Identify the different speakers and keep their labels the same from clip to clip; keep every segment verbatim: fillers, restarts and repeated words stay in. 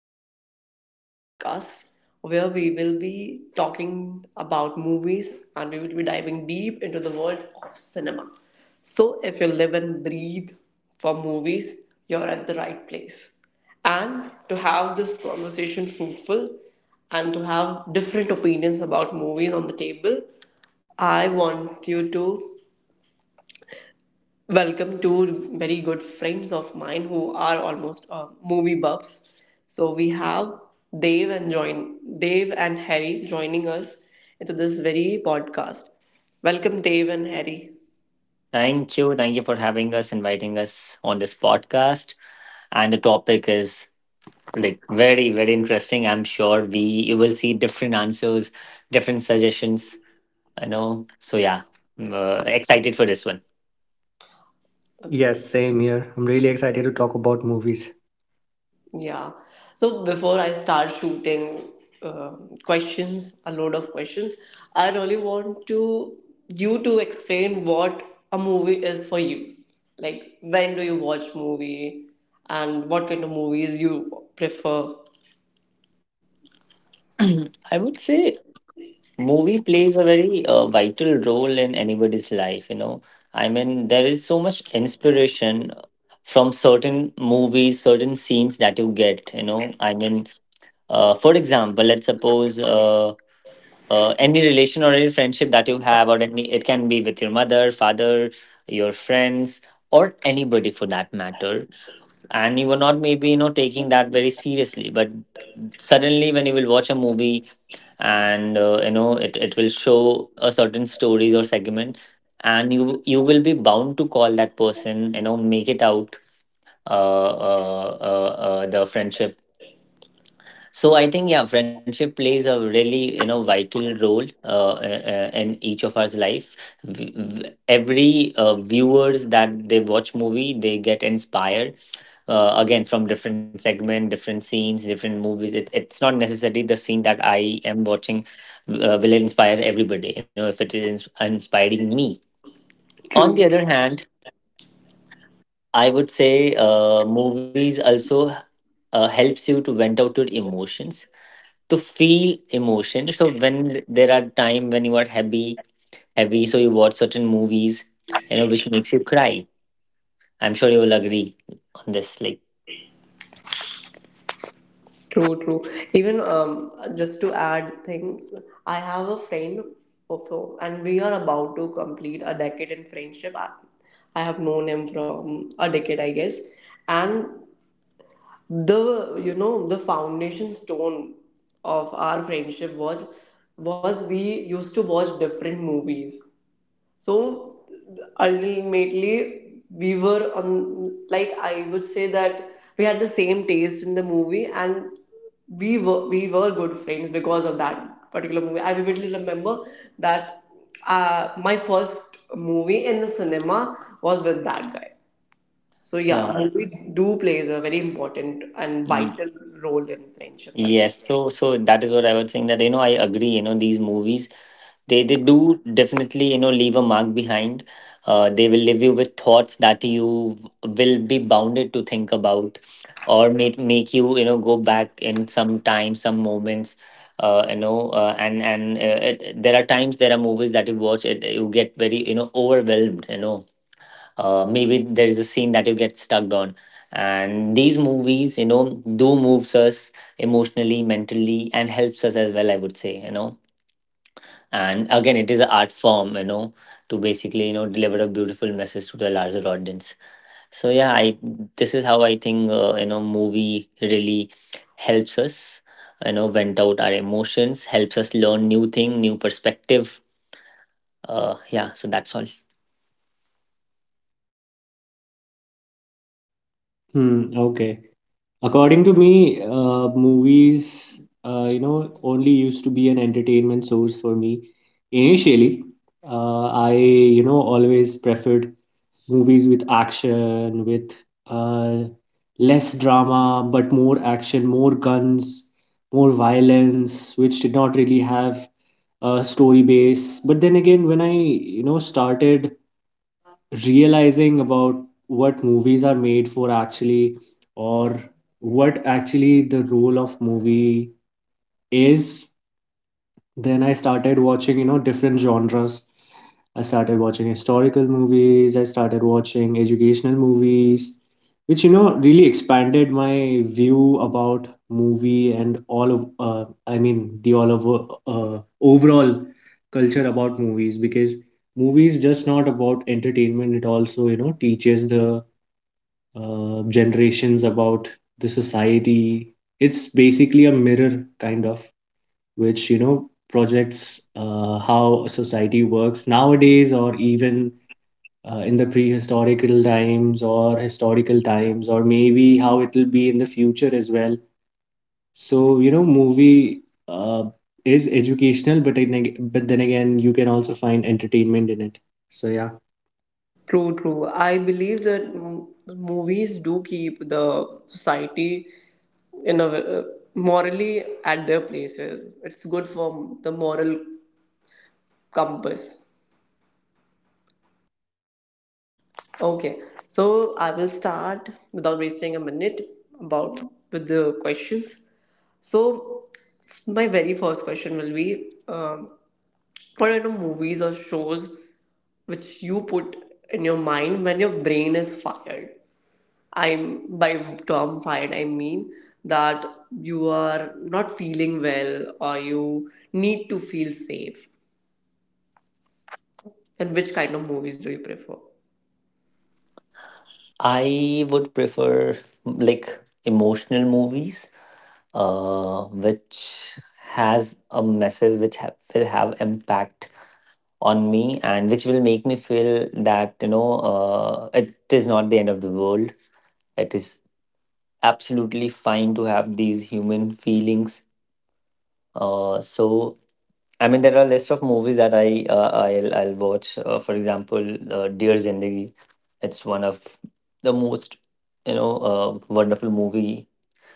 Speaker 1: welcome to this very podcast where we will be talking about movies and we will be diving deep into the world of cinema. So, if you live and breathe for movies, you're at the right place. And to have this conversation fruitful and to have different opinions about movies on the table, I want you to welcome to very good friends of mine who are almost uh, movie buffs. So we have Dave and join Dave and Harry joining us into this very podcast. Welcome, Dave and Harry.
Speaker 2: Thank you. Thank you for having us, inviting us on this podcast. And the topic is like very, very interesting. I'm sure we you will see different answers, different suggestions. I know. So yeah, I'm, uh, excited for this one.
Speaker 3: Yes, same here. I'm really excited to talk about movies.
Speaker 1: Yeah. So before I start shooting uh, questions, a load of questions, I really want to you to explain what a movie is for you. Like when do you watch movie, and what kind of movies you prefer?
Speaker 2: I would say movie plays a very uh, vital role in anybody's life. You know, I mean, there is so much inspiration from certain movies, certain scenes that you get. You know, I mean, uh, for example, let's suppose. Uh, uh, any relation or any friendship that you have, or any, it can be with your mother, father, your friends, or anybody for that matter, and you were not, maybe, you know, taking that very seriously, but suddenly when you will watch a movie and, uh, you know, it, it will show a certain stories or segment, and you you will be bound to call that person, you know, make it out, uh, uh, uh, uh, the friendship. So I think, yeah, friendship plays a really, you know, vital role uh, uh, uh, in each of our life. V- v- every uh, viewers that they watch movie, they get inspired, uh, again, from different segment, different scenes, different movies. It, it's not necessarily the scene that I am watching uh, will inspire everybody. You know, if it is ins- inspiring me. On the
Speaker 1: True,
Speaker 2: other hand, I would say uh, movies also uh, helps you to vent out your emotions, to feel emotion. So when there are time when you are happy, heavy, so you watch certain movies, you know, which makes you cry. I'm sure you will agree on this, like,
Speaker 1: true, true. Even um, just to add things, I have a friend also, and we are about to complete a decade in friendship. I, I have known him from a decade, I guess, and the you know the foundation stone of our friendship was was we used to watch different movies. So ultimately, we were on, like, I would say that we had the same taste in the movie, and we were we were good friends because of that particular movie. I vividly remember that uh, my first movie in the cinema was with that guy. So yeah,
Speaker 2: yeah.
Speaker 1: movie do plays a very important and
Speaker 2: Y-
Speaker 1: vital role in friendships, I guess.
Speaker 2: yes, so so that is what I was saying, that, you know, I agree, you know, these movies, they they do definitely, you know, leave a mark behind. Uh, they will leave you with thoughts that you will be bounded to think about, or make make you, you know, go back in some time, some moments, uh, you know, uh, and and uh, it, there are times, there are movies that you watch it, you get very, you know, overwhelmed, you know, uh, maybe there is a scene that you get stuck on. And these movies, you know, do moves us emotionally, mentally, and helps us as well, I would say, you know. And again, it is an art form, you know, to basically, you know, deliver a beautiful message to the larger audience. So yeah i this is how I think, uh, you know, movie really helps us, you know, vent out our emotions, helps us learn new thing, new perspective. Uh yeah, so that's all.
Speaker 3: Hmm, okay. According to me, uh, movies, uh, you know, only used to be an entertainment source for me. Initially, uh, I, you know, always preferred movies with action, with uh, less drama, but more action, more guns, more violence, which did not really have a story base. But then again, when I, you know, started realizing about what movies are made for actually, or what actually the role of movie is. Then I started watching you know different genres. I started watching historical movies, I started watching educational movies, which you know really expanded my view about movie and all of uh, I mean the all of uh, overall culture about movies, because movies just not about entertainment, it also you know teaches the uh, generations about the society. It's basically a mirror kind of, which you know projects uh, how society works nowadays, or even uh, in the prehistorical times or historical times, or maybe how it will be in the future as well. So you know movie uh, is educational, but it, neg- but then again you can also find entertainment in it. So yeah.
Speaker 1: True, true. I believe that m- movies do keep the society in a w- uh, morally at their places. It's good for the moral compass. Okay, so I will start without wasting a minute about with the questions. So my very first question will be, um, what kind of movies or shows which you put in your mind when your brain is fired? I'm by term fired, I mean that you are not feeling well or you need to feel safe. And which kind of movies do you prefer?
Speaker 2: I would prefer like emotional movies, uh, which has a message, which ha- will have impact on me, and which will make me feel that, you know, uh, it is not the end of the world. It is absolutely fine to have these human feelings. Uh, so I mean, there are lists of movies that I, uh, I'll I'll watch. Uh, for example, uh, Dear Zindagi. It's one of the most, you know, uh, wonderful movie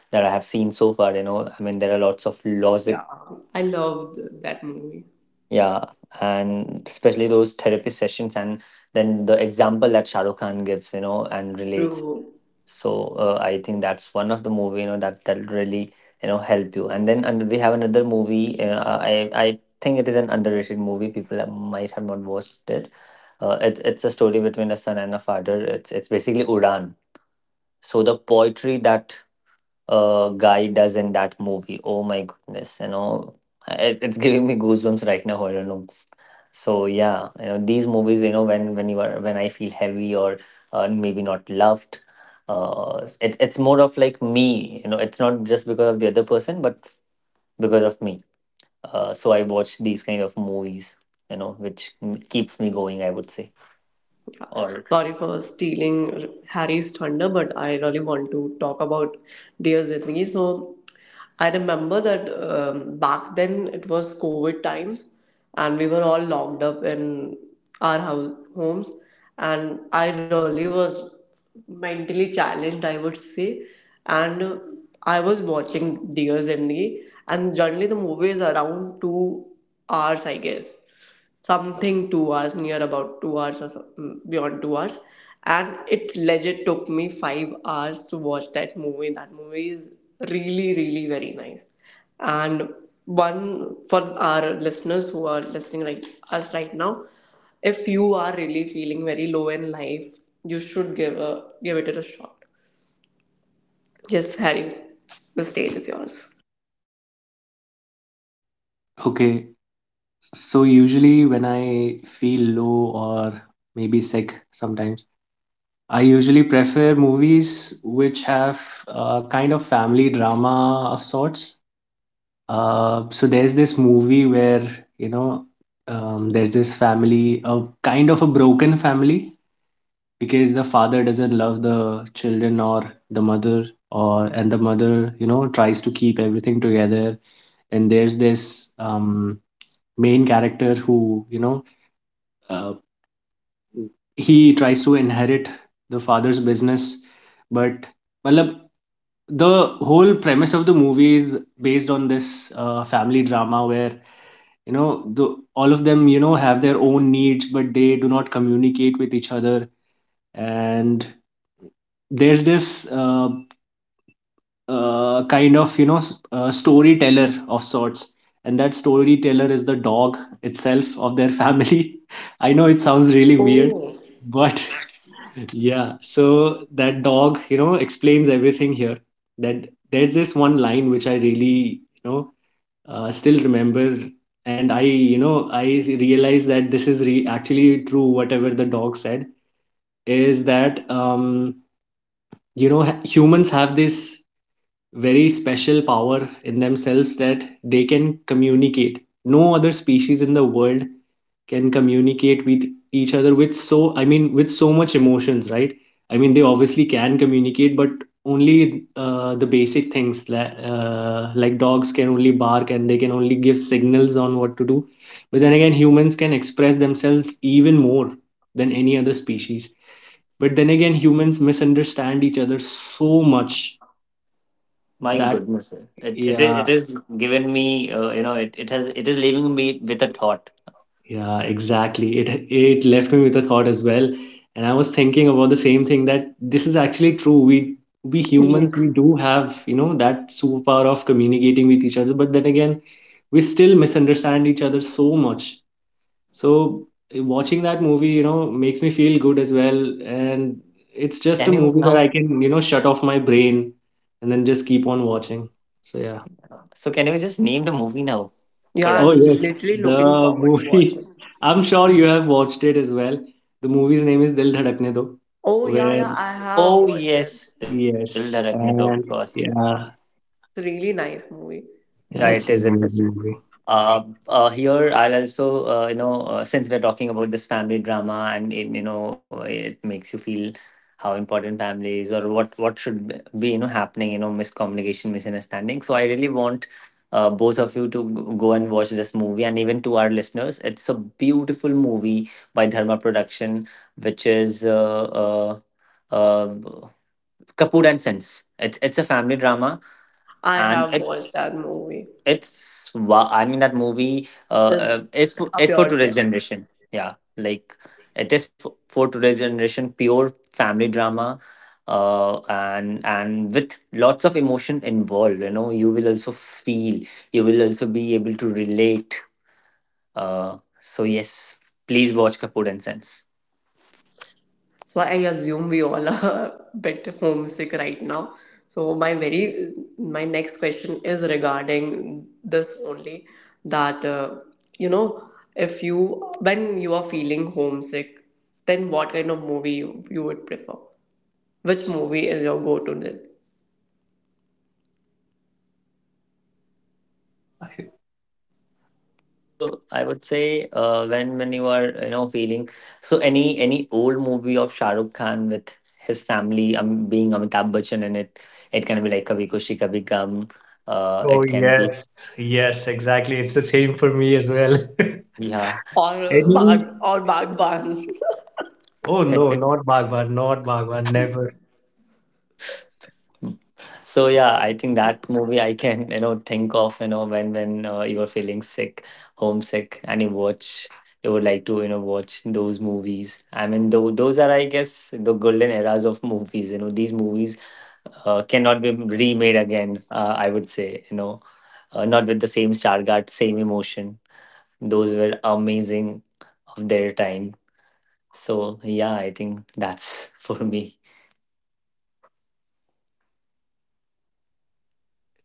Speaker 2: that I have seen so far. You know, I mean, there are lots of
Speaker 1: Yeah,
Speaker 2: logic.
Speaker 1: I loved that movie.
Speaker 2: Yeah, and especially those therapy sessions, and then the example that Shahrukh Khan gives, you know, and relates.
Speaker 1: True.
Speaker 2: So uh, I think that's one of the movie, you know, that that really, you know, help you. And then and we have another movie. Uh, I I think it is an underrated movie. People have- might have not watched it. Uh, it's it's a story between a son and a father. It's it's basically Udan. So the poetry that uh guy does in that movie. Oh my goodness, you know, it, it's giving me goosebumps right now. I don't know. So yeah, you know, these movies, you know, when when you are, when I feel heavy or, uh, maybe not loved, uh, it, it's more of like me, you know, it's not just because of the other person, but f- because of me. Uh, so I watch these kind of movies, you know, which m- keeps me going, I would say. Or
Speaker 1: Sorry for stealing Harry's thunder, but I really want to talk about Dear Zindagi. So I remember that um, back then it was COVID times, and we were all locked up in our house homes, and I really was mentally challenged, I would say, and uh, I was watching Dear Zindagi, and generally the movie is around two hours, I guess something two hours near about two hours or so, mm, beyond two hours, and it legit took me five hours to watch that movie. That movie is really really very nice, and one for our listeners who are listening right us right now, if you are really feeling very low in life, you should give a give it a shot. Yes, Harry, the stage is yours.
Speaker 3: Okay, so usually when I feel low or maybe sick sometimes, I usually prefer movies which have a kind of family drama of sorts. Uh, so there's this movie where, you know, um, there's this family, a kind of a broken family, because the father doesn't love the children or the mother, or and the mother, you know, tries to keep everything together. And there's this um, main character who, you know, uh, he tries to inherit the father's business, but मतलब the whole premise of the movie is based on this uh, family drama where you know the, all of them you know have their own needs, but they do not communicate with each other. And there's this uh, uh, kind of you know s- uh, storyteller of sorts, and that storyteller is the dog itself of their family. I know it sounds really weird,
Speaker 1: Oh,
Speaker 3: but yeah, so that dog, you know, explains everything here. That There's this one line which I really, you know, uh, still remember, and I, you know, I realized that this is re actually true. Whatever the dog said is that, um, you know, ha- humans have this very special power in themselves that they can communicate. No other species in the world can communicate with each other with, so I mean with so much emotions, right? I mean, they obviously can communicate, but only uh, the basic things, like uh, like dogs can only bark, and they can only give signals on what to do. But then again, humans can express themselves even more than any other species. But then again, humans misunderstand each other so much
Speaker 2: my
Speaker 3: that
Speaker 2: goodness, eh, it it is
Speaker 3: yeah.
Speaker 2: it is given me, uh, you know, it, it has it is leaving me with a thought.
Speaker 3: Yeah, exactly. It it left me with a thought as well, and I was thinking about the same thing, that this is actually true. We we humans,
Speaker 1: yes.
Speaker 3: we do have, you know, that superpower of communicating with each other, but then again, we still misunderstand each other so much. So eh, watching that movie, you know, makes me feel good as well, and it's just a
Speaker 2: Can you
Speaker 3: movie that I
Speaker 2: now?
Speaker 3: can, you know, shut off my brain and then just keep on watching. So yeah.
Speaker 2: So can you just name the movie now for
Speaker 1: Yeah,
Speaker 3: Oh
Speaker 1: I'm
Speaker 2: us?
Speaker 3: yes,
Speaker 1: literally looking
Speaker 3: the
Speaker 1: forward to
Speaker 3: movie.
Speaker 1: watching.
Speaker 3: I'm sure you have watched it as well. The movie's name is Dil Dhadakne Do,
Speaker 1: Oh yeah,
Speaker 3: where
Speaker 1: yeah, I have
Speaker 2: Oh
Speaker 1: watched it. It's
Speaker 2: yes, Dil Dhadakne Do,
Speaker 3: yes,
Speaker 2: of course.
Speaker 3: and yeah,
Speaker 1: a really nice movie.
Speaker 2: Yeah, it
Speaker 3: yeah,
Speaker 2: is.
Speaker 3: it's a
Speaker 2: It
Speaker 3: amazing
Speaker 2: is.
Speaker 3: movie.
Speaker 2: Uh, uh, Here, I'll also, uh, you know, uh, since we're talking about this family drama, and, it, you know, it makes you feel how important family is, or what, what should be, be, you know, happening, you know, miscommunication, misunderstanding. So I really want uh, both of you to g- go and watch this movie, and even to our listeners. It's a beautiful movie by Dharma Production, which is uh, uh, uh, Kapoor and Sons. It's, it's a family drama,
Speaker 1: I
Speaker 2: and
Speaker 1: have watched
Speaker 2: it's
Speaker 1: that movie.
Speaker 2: it's wow, I mean that movie, uh,
Speaker 1: It's
Speaker 2: uh is for,
Speaker 1: a
Speaker 2: is for
Speaker 1: pure
Speaker 2: today's
Speaker 1: gem.
Speaker 2: generation, yeah, like it is for, for today's generation, pure family drama, uh and and with lots of emotion involved, you know, you will also feel, you will also be able to relate. Uh so yes, please watch Kapoor and sense.
Speaker 1: So I assume we all are a bit homesick right now. So my very my next question is regarding this only, that uh, you know if you when you are feeling homesick, then what kind of movie you, you would prefer? Which movie is your go-to then?
Speaker 2: So I would say, uh, when when you are, you know, feeling, so any any old movie of Shah Rukh Khan with his family, um, being Amitabh Bachchan in it, it can be like Kabhi Khushi Kabhi Gham, uh,
Speaker 3: Oh,
Speaker 2: it can be,
Speaker 3: yes, yes, exactly. It's the same for me as well.
Speaker 2: yeah.
Speaker 1: Or Bag
Speaker 3: Any,
Speaker 1: or Bagban?
Speaker 3: oh no, not Baghban, not Baghban, never.
Speaker 2: Mm. So yeah, I think that movie I can, you know, think of, you know, when when uh, you are feeling sick, homesick, and you watch, you would like to, you know, watch those movies. I mean, though those are, I guess, the golden eras of movies. You know, these movies uh, cannot be remade again. Uh, I would say, you know, uh, not with the same stargard, same emotion. Those were amazing of their time. So yeah, I think that's for me.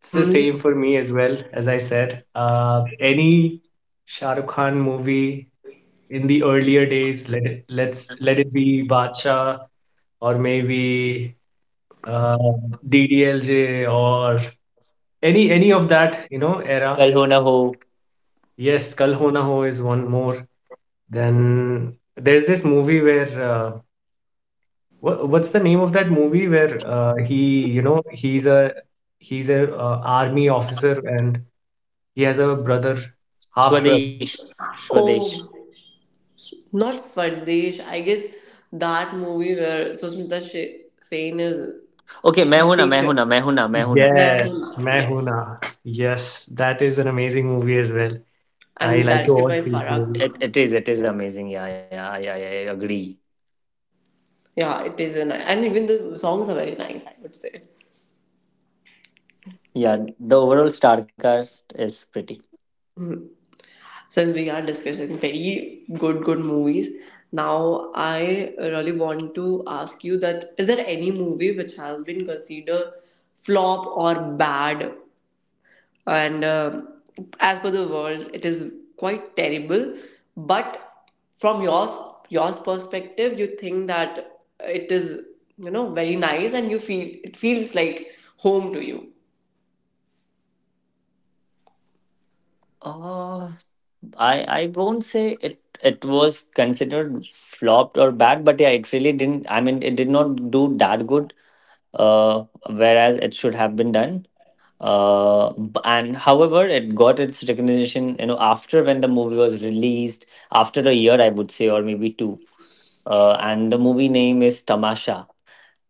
Speaker 3: It's the
Speaker 1: Um,
Speaker 3: same for me as well, as I said. Uh, any Shah Rukh Khan movie in the earlier days, let it, let's let it
Speaker 2: Yes.
Speaker 3: be Badshah, or maybe uh, D D L J, or any any of that you know era.
Speaker 2: Kal Ho Na Ho.
Speaker 3: Yes, Kal Ho Na Ho is one more. Then there's this movie where uh, what, what's the name of that movie where uh, he you know he's a he's a uh, army officer, and he has a brother, half brother.
Speaker 2: Swadesh. Swadesh.
Speaker 1: oh, not Swadesh. I guess that movie where Susmita Sh- Sen is
Speaker 2: Okay, मैं
Speaker 1: his
Speaker 2: हूं ना मैं
Speaker 1: teacher.
Speaker 2: हूं ना मैं हूं ना मैं हूं ना.
Speaker 3: Yes,
Speaker 1: Mehul.
Speaker 3: Main Hoon
Speaker 1: Yes.
Speaker 3: Na. Yes, that is an amazing movie as well. I
Speaker 1: And
Speaker 3: like to
Speaker 1: directed
Speaker 3: watch
Speaker 1: by
Speaker 3: these
Speaker 1: Farah
Speaker 2: It,
Speaker 3: movies.
Speaker 2: it,
Speaker 1: Khan.
Speaker 2: it is it is amazing. Yeah, yeah, yeah, yeah. I agree.
Speaker 1: Yeah, it is a nice. And even the songs are very nice, I would say.
Speaker 2: Yeah, the overall star cast is pretty.
Speaker 1: Since we are discussing very good, good movies, now I really want to ask you, that is there any movie which has been considered flop or bad, and um as per the world it is quite terrible, but from yours yours perspective you think that it is, you know very nice, and you feel it feels like home to you?
Speaker 2: Uh, I I won't say it it was considered flopped or bad, but yeah, it really didn't. I mean, it did not do that good. Uh, whereas it should have been done. Uh, b- and however, it got its recognition. You know, after when the movie was released, after a year, I would say, or maybe two, uh, and the movie name is Tamasha.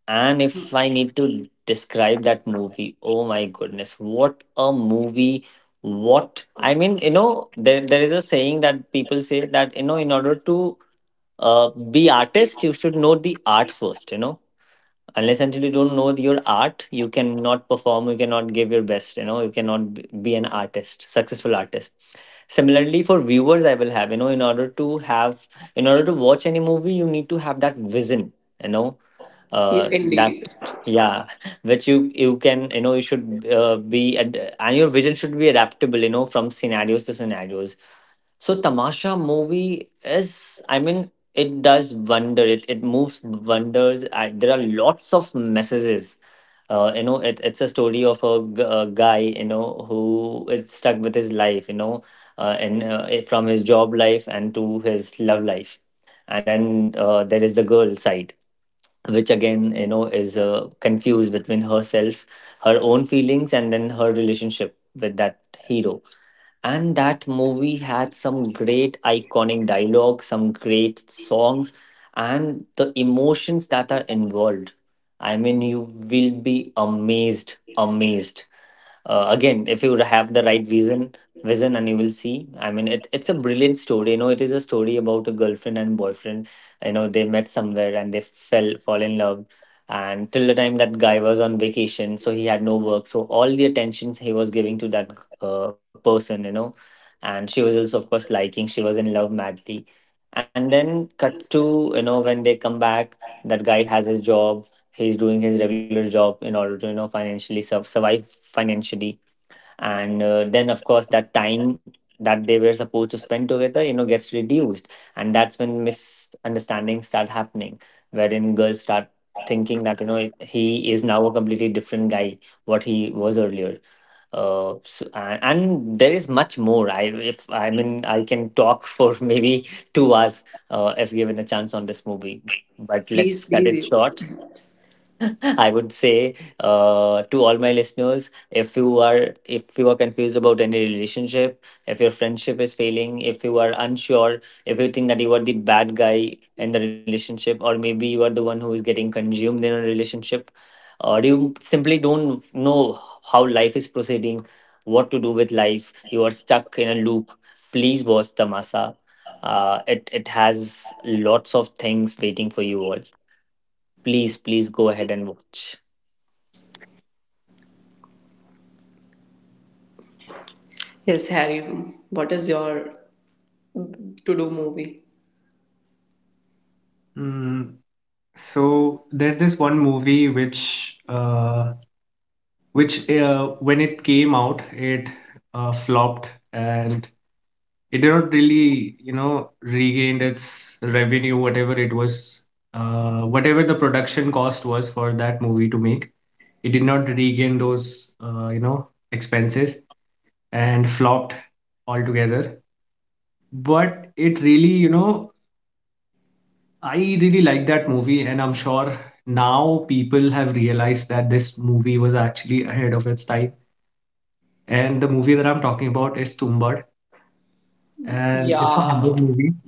Speaker 2: And if I need to describe that movie, oh my goodness, what a movie! What I mean, you know, there there is a saying that people say that, you know, in order to uh, be artist, you should know the art first. You know, unless until you don't know your art, you cannot perform, you cannot give your best, you know, you cannot b- be an artist, successful artist. Similarly, for viewers, I will have, you know, in order to have, in order to watch any movie, you need to have that vision, you know,
Speaker 1: Yeah,
Speaker 2: uh that,
Speaker 1: indeed.
Speaker 2: yeah, which you you can, you know, you should, uh, be ad- and your vision should be adaptable, you know, from scenarios to scenarios. So Tamasha movie is, I mean, it does wonder. It it moves wonders. I, there are lots of messages. Uh, you know, it, it's a story of a, g- a guy, you know, who is stuck with his life, you know, uh, and uh, eh, from his job life and to his love life, and then uh, there is the girl side, which again, you know, is uh, confused between herself, her own feelings, and then her relationship with that hero, and that movie had some great iconic dialogue, some great songs, and the emotions that are involved. I mean, you will be amazed, amazed uh, again if you have the right vision vision and you will see, I mean it, it's a brilliant story. You know, it is a story about a girlfriend and boyfriend. You know, they met somewhere and they fell fall in love, and till the time that guy was on vacation, so he had no work, so all the attentions he was giving to that uh, person, you know. And she was also of course liking, she was in love madly. And then cut to, you know, when they come back, that guy has his job. He's doing his regular job in order to, you know, financially sur- survive financially. And uh, then of course that time that they were supposed to spend together, you know, gets reduced, and that's when misunderstandings start happening, wherein girls start thinking that, you know, he is now a completely different guy what he was earlier. Uh, so, and, and there is much more. I if i mean i can talk for maybe two hours, uh, if given a chance on this movie, but
Speaker 1: Please,
Speaker 2: let's cut
Speaker 1: please,
Speaker 2: it
Speaker 1: you.
Speaker 2: short. I would say, uh, to all my listeners, if you are, if you are confused about any relationship, if your friendship is failing, if you are unsure, if you think that you are the bad guy in the relationship, or maybe you are the one who is getting consumed in a relationship, or you simply don't know how life is proceeding, what to do with life, you are stuck in a loop. Please watch Tamasa. Uh, it it has lots of things waiting for you all. Please, please go ahead and watch.
Speaker 1: Yes, Harry, what is your to do movie?
Speaker 3: Mm, so there's this one movie which uh, which uh, when it came out, it uh, flopped, and it did not really you know regained its revenue, whatever it was, uh, whatever the production cost was for that movie to make. It did not regain those uh, you know expenses and flopped altogether. But it really you know I really like that movie, and I'm sure now people have realized that this movie was actually ahead of its time. And the movie that I'm talking about is Tumbad, and it's a
Speaker 1: Yeah.
Speaker 3: horror movie.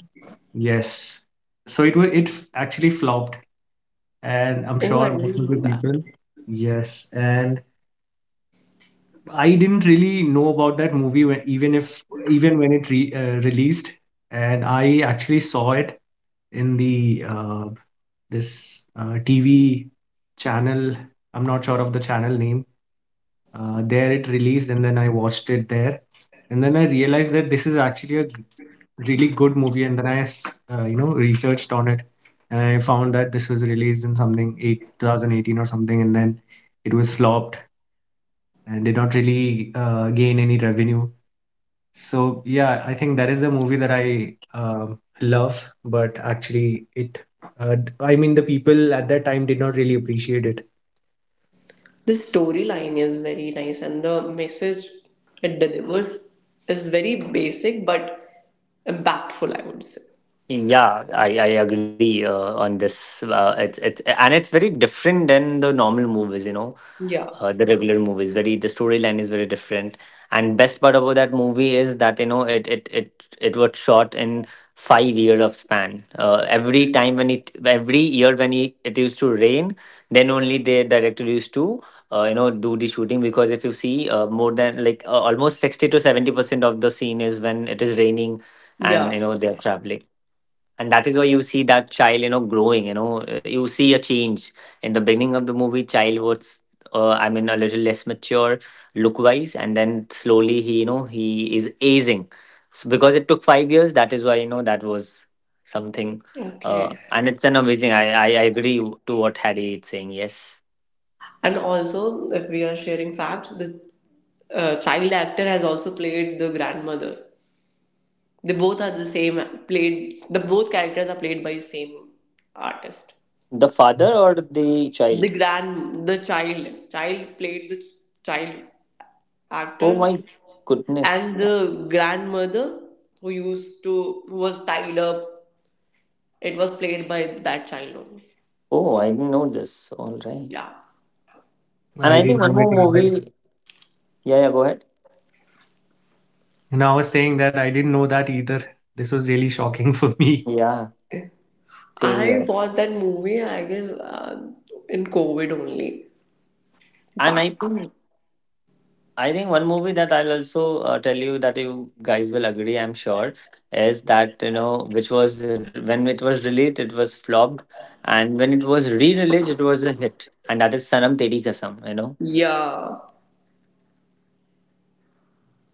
Speaker 3: Yes. So it was it f- actually flopped, and I'm
Speaker 1: Oh, I
Speaker 3: sure most
Speaker 1: didn't
Speaker 3: of
Speaker 1: know
Speaker 3: the
Speaker 1: that.
Speaker 3: people. Yes, and I didn't really know about that movie when, even if even when it re, uh, released, and I actually saw it in the uh, this uh, T V channel. I'm not sure of the channel name. Uh, there it released, and then I watched it there, and then I realized that this is actually a g- really good movie. And then I, uh, you know, researched on it, and I found that this was released in something eight, two thousand eighteen or something, and then it was flopped and did not really uh, gain any revenue. So yeah, I think that is the movie that I um love, but actually it, uh, d- I mean, the people at that time did not really appreciate it.
Speaker 1: The storyline is very nice, and the message it delivers is very basic but impactful, I would say.
Speaker 2: Yeah, I, I agree uh, on this. Uh, it's it's and it's very different than the normal movies, you know,
Speaker 1: Yeah,
Speaker 2: uh, the regular movies. Very, the storyline is very different. And best part about that movie is that, you know, it it it it was shot in five years of span. Uh, every time when it, every year when it, it used to rain, then only the director used to uh, you know, do the shooting. Because if you see, uh, more than like, uh, almost sixty to seventy percent of the scene is when it is raining, and
Speaker 1: yeah.
Speaker 2: you know they're traveling. And that is why you see that child, you know, growing, you know. Uh, you see a change in the beginning of the movie. Child was uh, I mean, a little less mature look wise, and then slowly he, you know, he is aging. So because it took five years, that is why, you know, that was something.
Speaker 1: Okay.
Speaker 2: Uh, and it's an amazing. i i, I agree to what Harry is saying. Yes,
Speaker 1: And also, if we are sharing facts, this uh, child actor has also played the grandmother. They both are the same. Played the both characters are played by same artist.
Speaker 2: the father or the
Speaker 1: The
Speaker 2: child?
Speaker 1: grand, the child, child played the child
Speaker 2: Oh
Speaker 1: actor,
Speaker 2: my goodness.
Speaker 1: and the grandmother who used to who was tied up. It was played by that child only.
Speaker 2: Oh, I didn't know this. All right.
Speaker 1: Yeah.
Speaker 2: And
Speaker 3: I
Speaker 2: I think
Speaker 3: didn't
Speaker 2: one
Speaker 3: know
Speaker 2: more
Speaker 3: it either.
Speaker 2: movie. Yeah, yeah, go ahead.
Speaker 3: And I was saying that I didn't know that either. This was really shocking for me.
Speaker 2: Yeah. Same
Speaker 1: I
Speaker 2: here.
Speaker 1: watched that movie, I guess, uh, in COVID only.
Speaker 2: And
Speaker 1: Back.
Speaker 2: I think, I think one movie that I'll also uh, tell you that you guys will agree, I'm sure, is that, you know, which was r- when it was released, it was flopped, and when it was re-released, it was a hit, and that is Sanam Teri Kasam. You know,
Speaker 1: Yeah,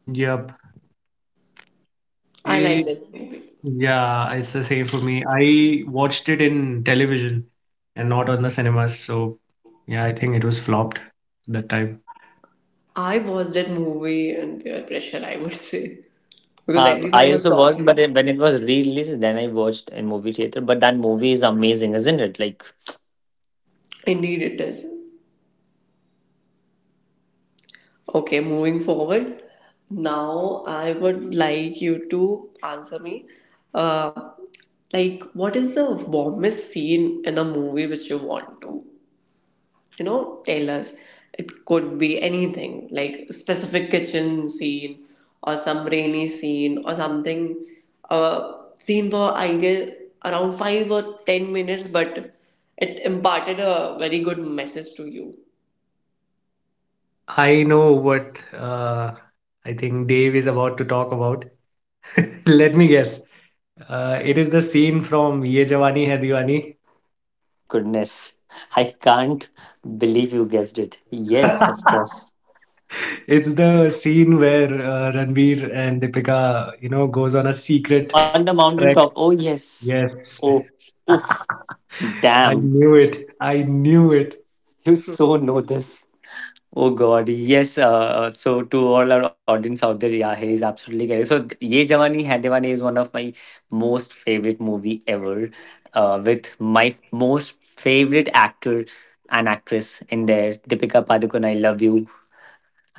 Speaker 3: Yep.
Speaker 1: I like that movie.
Speaker 3: Yeah, it's the same for me. I watched it in television and not on the cinemas. So yeah, I think it was flopped that time.
Speaker 1: I watched that movie under pressure, I would say, because
Speaker 2: uh,
Speaker 1: everyone
Speaker 2: I
Speaker 1: was
Speaker 2: also watched, but
Speaker 1: talking.
Speaker 2: then when it was re-released, then I watched in movie theater. But that movie is amazing, isn't it? Like,
Speaker 1: Indeed, it is. Okay, moving forward. Now, I would like you to answer me. Uh, like, what is the warmest scene in a movie which you want to you know tell us? It could be anything like specific kitchen scene or some rainy scene or something, uh, scene for I guess around five or ten minutes, but it imparted a very good message to you.
Speaker 3: I know what uh, I think Dave is about to talk about. Let me guess. Uh, it is the scene from Ye Jawani Hai
Speaker 2: my goodness, I can't believe you guessed it.
Speaker 3: Diwani.
Speaker 2: Yes, of course.
Speaker 3: It's the scene where uh, Ranveer and Deepika, you know, goes on a secret
Speaker 2: On the mountain top.
Speaker 3: trek.
Speaker 2: Oh yes.
Speaker 3: Yes,
Speaker 2: Oh, oof.
Speaker 3: I
Speaker 2: Damn,
Speaker 3: knew it. I knew it.
Speaker 2: you so know this. Oh God, yes. Uh, uh, so to all our audience out there, yeah, he is absolutely correct. So th- Ye Jawani Hai Deewani" is one of my most favorite movie ever, uh, with my f- most favorite actor and actress in there, Deepika Padukone. I love you,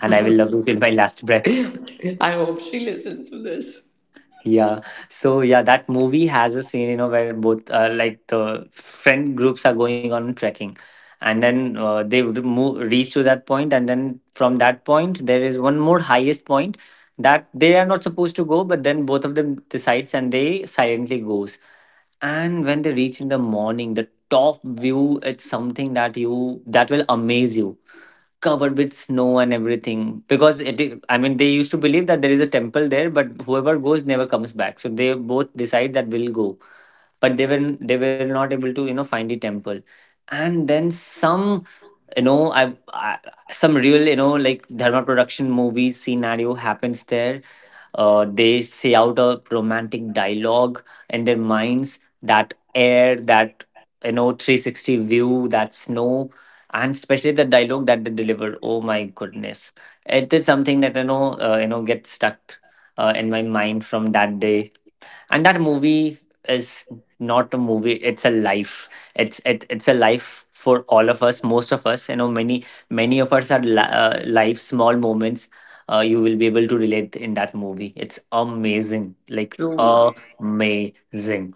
Speaker 2: and I will love you till my last breath.
Speaker 1: I hope she listens to this.
Speaker 2: Yeah. So yeah, that movie has a scene, you know, where both uh, like the friend groups are going on trekking, and then uh, they would move reach to that point, and then from that point there is one more highest point that they are not supposed to go, but then both of them decides and they silently goes. And when they reach in the morning, the top view, it's something that you, that will amaze you, covered with snow and everything. Because it, i I mean, they used to believe that there is a temple there, but whoever goes never comes back. So they both decide that we'll go, but they were, they were not able to, you know, find the temple. And then some, you know I, I some real, you know, like Dharma production movie scenario happens there. Uh, they say out a romantic dialogue in their minds, that air, that, you know, three sixty view, that snow, and especially the dialogue that they deliver. Oh my goodness, it is something that, you know, uh, you know, gets stuck uh, in my mind from that day. And that movie is not a movie, it's a life. It's it, it's a life for all of us, most of us, you know, many, many of us are li- uh, life small moments. Uh, you will be able to relate in that movie. It's amazing, like
Speaker 1: True.
Speaker 2: amazing.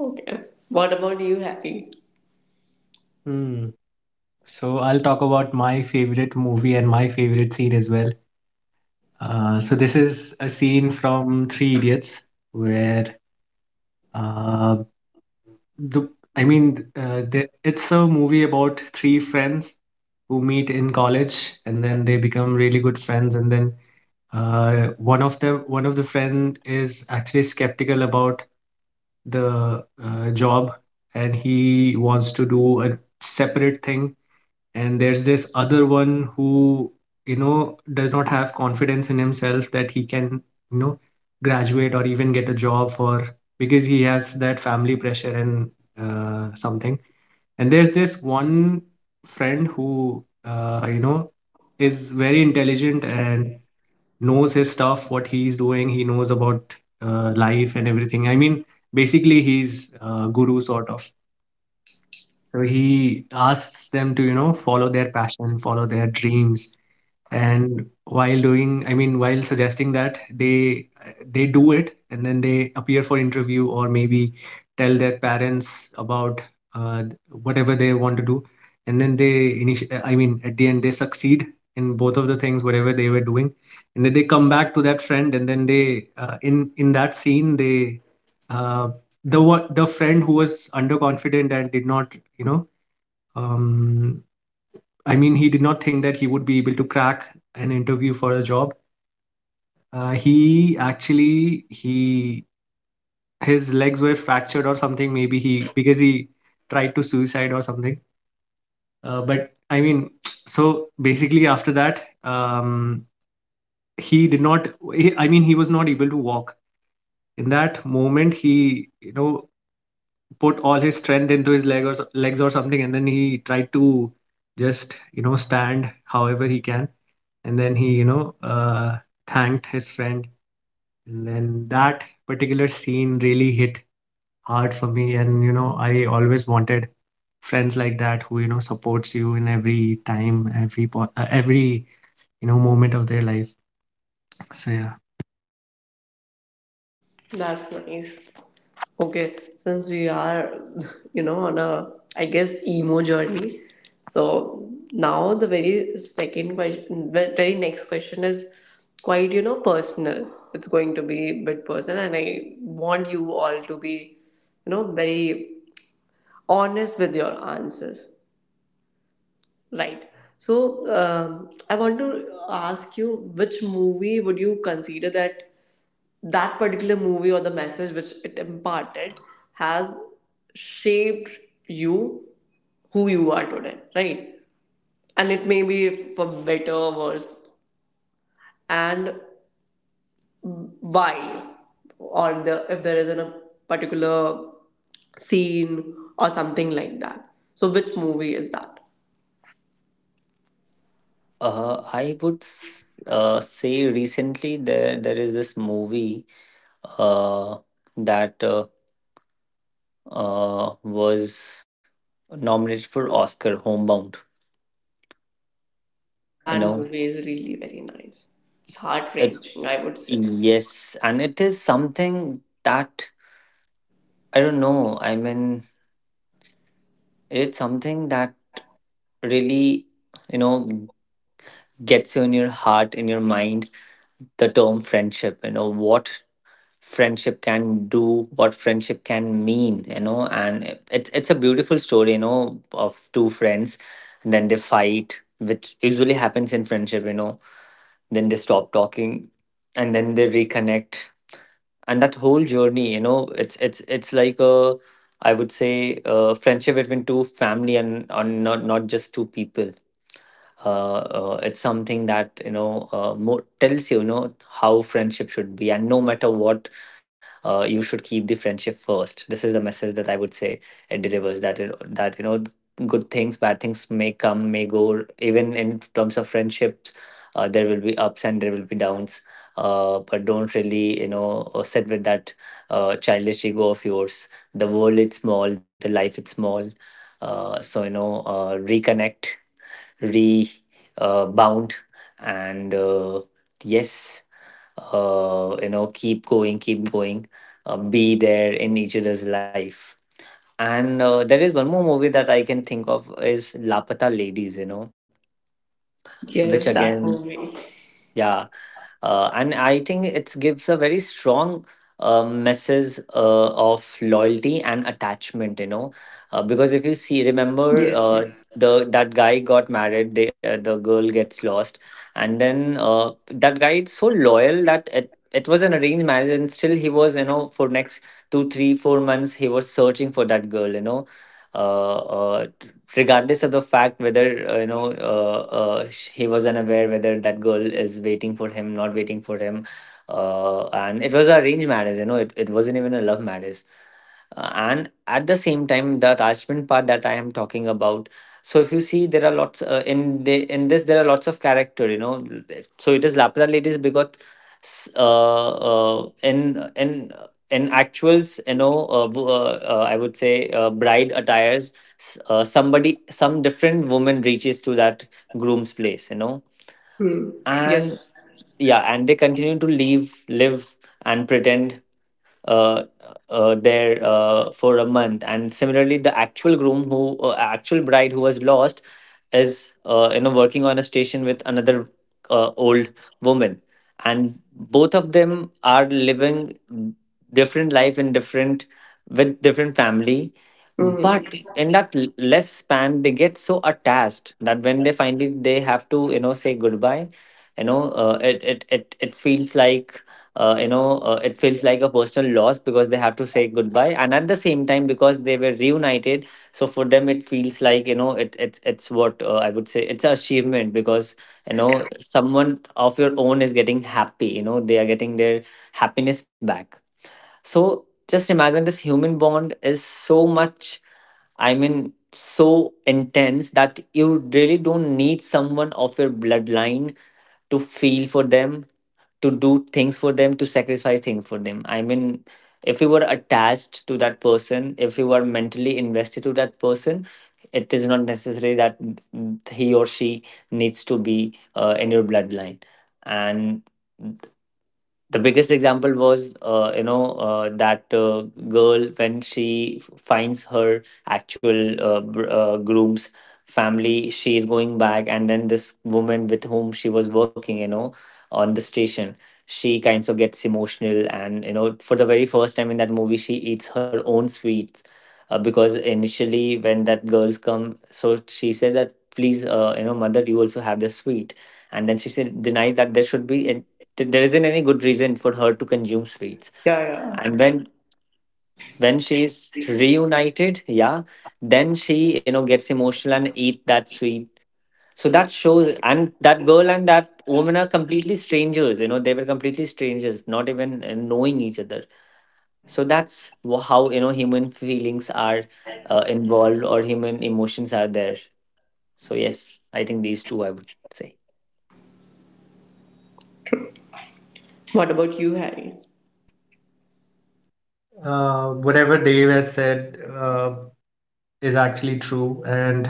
Speaker 1: Okay, what about you, happy?
Speaker 3: Hmm. So I'll talk about my favorite movie and my favorite scene as well. Uh, so this is a scene from Three Idiots where uh, the I mean uh, the, it's a movie about three friends who meet in college, and then they become really good friends, and then uh, one of them one of the friend is actually skeptical about the uh, job, and he wants to do a separate thing. And there's this other one who you know does not have confidence in himself that he can you know graduate or even get a job for, because he has that family pressure and uh, something. And there's this one friend who uh, you know is very intelligent and knows his stuff. What he's doing, he knows about uh, life and everything. I mean, basically he's a guru sort of. So he asks them to, you know, follow their passion, follow their dreams. And while doing, I mean, while suggesting that they they do it, and then they appear for interview, or maybe tell their parents about uh, whatever they want to do. And then they initi- I mean, at the end, they succeed in both of the things, whatever they were doing. And then they come back to that friend, and then they uh, in in that scene, they uh, the one, the friend who was underconfident and did not, you know, um, I mean, he did not think that he would be able to crack an interview for a job. Uh, he actually he His legs were fractured or something. Maybe he, because he tried to suicide or something. Uh, but I mean, so Basically after that, um, he did not. He, I mean, he was not able to walk. In that moment, he you know put all his strength into his leg or s- legs or something, and then he tried to just you know stand however he can, and then he you know uh, thanked his friend. And then that particular scene really hit hard for me, and you know I always wanted friends like that, who you know supports you in every time, every po- uh, every you know moment of their life. So yeah.
Speaker 1: That's nice. Okay, since we are, you know, on a, I guess, emo journey. So now the very second question, the very next question is quite, you know, personal. It's going to be a bit personal, and I want you all to be, you know, very honest with your answers. Right. So um, I want to ask you, which movie would you consider that that particular movie or the message which it imparted has shaped you who you are today, right? And it may be for better or worse, and why, or the if there is in a particular scene or something like that, so which movie is that?
Speaker 2: Uh, i would s- uh, say recently there, there is this movie uh, that uh, uh, was nominated for Oscar, Homebound, you
Speaker 1: That
Speaker 2: know.
Speaker 1: movie is really very nice. It's heart-wrenching, I would say.
Speaker 2: Yes, and it is something that I don't know. I mean, it's something that really, you know, gets you in your heart, in your mind, the term friendship, you know, what friendship can do, what friendship can mean, you know. And it- it's it's a beautiful story, you know, of two friends, and then they fight, which usually happens in friendship, you know. Then they stop talking, and then they reconnect. And that whole journey, you know, it's it's it's like a, I would say, a friendship between two family, and, and not, not just two people. Uh, uh, it's something that, you know, uh, more tells you, you know, how friendship should be, and no matter what, uh, you should keep the friendship first. This is the message that I would say it delivers, that it, that you know, good things, bad things may come, may go, even in terms of friendships. Uh, there will be ups and there will be downs. Uh, but don't really, you know, uh, sit with that uh, childish ego of yours. The world is small, the life is small. Uh, so you know, uh, reconnect re uh, bound, and uh, yes, uh, you know, keep going, keep going, uh, be there in each other's life. And uh, there is one more movie that I can think of is Lapata Ladies, you know,
Speaker 1: Yes,
Speaker 2: which
Speaker 1: that
Speaker 2: again,
Speaker 1: movie.
Speaker 2: yeah, uh, and I think it gives a very strong uh, message uh, of loyalty and attachment. You know, uh, because if you see, remember,
Speaker 1: Yes,
Speaker 2: uh,
Speaker 1: yes.
Speaker 2: the, that guy got married, the uh, the girl gets lost. And then uh, that guy is so loyal that, it it was an arranged marriage, and still he was, you know, for next two, three, four months he was searching for that girl. You know, uh, uh, regardless of the fact whether uh, you know, uh, uh, sh- he was unaware whether that girl is waiting for him, not waiting for him. Uh, and it was an arranged marriage, you know, it, it wasn't even a love marriage. Uh, and at the same time, the attachment part that I am talking about. So if you see, there are lots, uh, in the, in this, there are lots of character, you know. So it is Lapra Ladies because uh, uh, in in in actuals, you know, uh, w- uh, uh, I would say, uh, bride attires, s- uh, somebody, some different woman reaches to that groom's place, you know.
Speaker 1: Hmm.
Speaker 2: And
Speaker 1: Yes.
Speaker 2: yeah, and they continue to leave live and pretend uh, uh, there uh, for a month. And similarly, the actual groom who, uh, actual bride who was lost, is uh, you know, working on a station with another uh, old woman, and both of them are living different life in different, with different family.
Speaker 1: Hmm.
Speaker 2: But in that l- less span, they get so attached that when they finally they have to, you know, say goodbye, you know, uh, it, it it it feels like, uh, you know, uh, it feels like a personal loss because they have to say goodbye. And at the same time, because they were reunited, so for them it feels like, you know, it it's it's what, uh, I would say, it's an achievement. Because you know, someone of your own is getting happy, you know, they are getting their happiness back. So just imagine this human bond is so much. I mean, so intense that you really don't need someone of your bloodline to feel for them to do things for them to sacrifice things for them. I mean if you were attached to that person, if you were mentally invested to that person, it is not necessary that he or she needs to be uh, in your bloodline. And the biggest example was uh, you know uh, that uh, girl, when she f- finds her actual uh, br- uh, groom's family, she is going back, and then this woman with whom she was working, you know, on the station, she kinds of gets emotional, and you know, for the very first time in that movie, she eats her own sweets. Uh, because initially when that girls come, so she said that, please, uh, you know mother, you also have this sweet. And then she said, denies that there should be, th- there isn't any good reason for her to consume sweets.
Speaker 1: Yeah, yeah.
Speaker 2: And when when she's reunited, yeah, then she, you know, gets emotional and eat that sweet. So that shows, and that girl and that woman are completely strangers, you know, they were completely strangers, not even uh, knowing each other. So that's wh- how, you know, human feelings are uh, involved, or human emotions are there. So yes, I think these two, I would say.
Speaker 1: What about you, Harry?
Speaker 3: Uh, whatever Dave has said uh, is actually true, and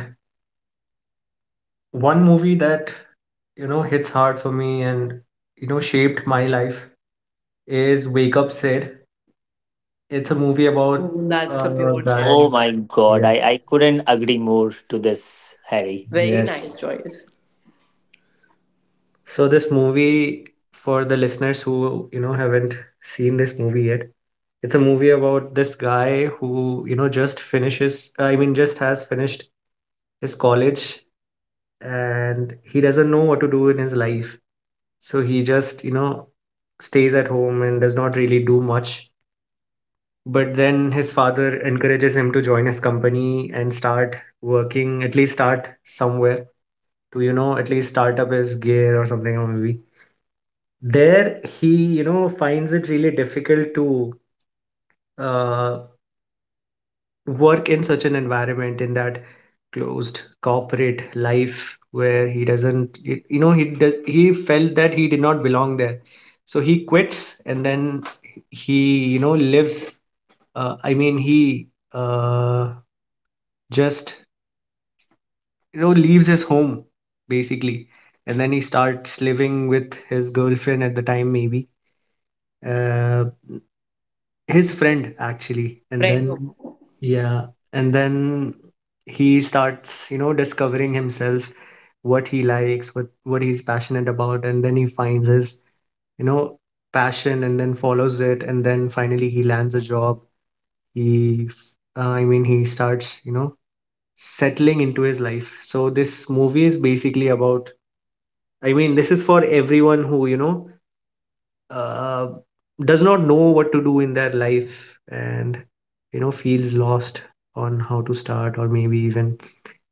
Speaker 3: one movie that you know hits hard for me and you know shaped my life is Wake Up Sid. It's a movie about
Speaker 1: Mm, that's
Speaker 3: uh,
Speaker 1: a
Speaker 3: a
Speaker 1: pure gem.
Speaker 3: guy.
Speaker 2: Oh my god,
Speaker 3: Yes,
Speaker 2: i i couldn't agree more to this, Harry.
Speaker 1: Very
Speaker 3: yes.
Speaker 1: nice choice.
Speaker 3: So this movie, for the listeners who, you know, haven't seen this movie yet, it's a movie about this guy who, you know, just finishes, I mean, just has finished his college, and he doesn't know what to do in his life. So he just, you know, stays at home and does not really do much. But then his father encourages him to join his company and start working, at least start somewhere to, you know, at least start up his gear or something. Or maybe there he you know finds it really difficult to uh, work in such an environment, in that closed corporate life where he doesn't it, you know he did, he felt that he did not belong there. So he quits, and then he you know lives uh, I mean he uh, just you know leaves his home, basically. And then he starts living with his girlfriend at the time, maybe uh, his friend actually. And
Speaker 1: Friend,
Speaker 3: then,
Speaker 1: Homo.
Speaker 3: yeah, and then he starts you know discovering himself, what he likes, what what he's passionate about. And then he finds his you know passion and then follows it. And then finally he lands a job. He uh, i mean he starts you know settling into his life. So this movie is basically about, I mean, this is for everyone who you know uh, does not know what to do in their life and you know feels lost on how to start, or maybe even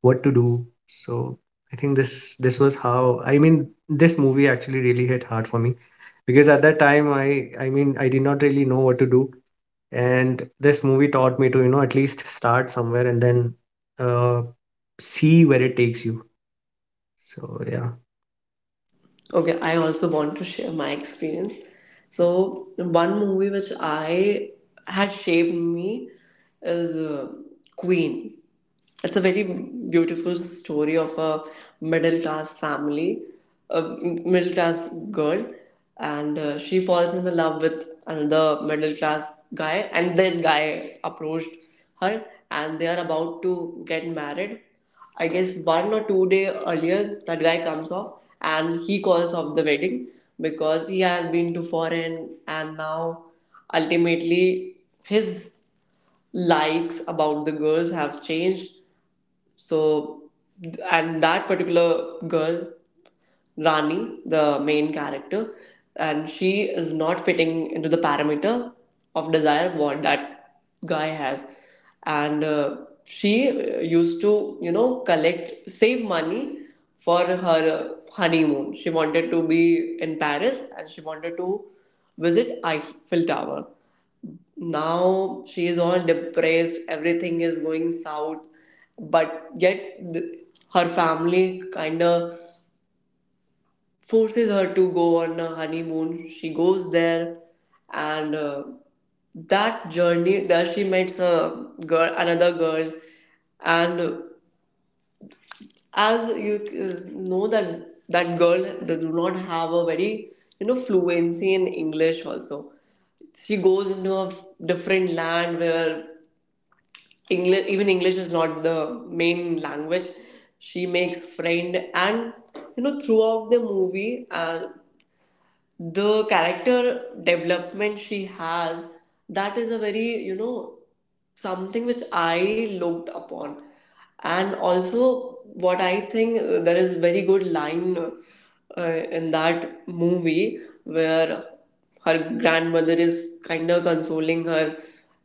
Speaker 3: what to do. So I think this this was how, I mean, this movie actually really hit hard for me, because at that time i i mean i did not really know what to do. And this movie taught me to, you know at least start somewhere, and then uh, see where it takes you. So yeah.
Speaker 1: Okay, I also want to share my experience. So, one movie which I had shaped me is uh, Queen. It's a very beautiful story of a middle class family, a middle class girl, and uh, she falls in love with another middle class guy, and that guy approached her, and they are about to get married. I guess one or two day earlier, that guy comes off and he calls off the wedding, because he has been to foreign, and now ultimately his likes about the girls have changed. So, and that particular girl, Rani, the main character, and she is not fitting into the parameter of desire what that guy has. And uh, she uh, used to, you know, collect, save money for her uh, honeymoon. She wanted to be in Paris, and she wanted to visit Eiffel Tower. Now she is all depressed, everything is going south, but yet th- her family kind of forces her to go on a honeymoon. She goes there, and uh, that journey there she meets a girl, another girl. And as you uh, know that that girl, they do not have a very you know fluency in English also. She goes into a f- different land where English, even English is not the main language. She makes friend, and you know, throughout the movie, and the character development she has, that is a very you know something which I looked upon. And also what I think, uh, there is very good line uh, in that movie, where her grandmother is kind of consoling her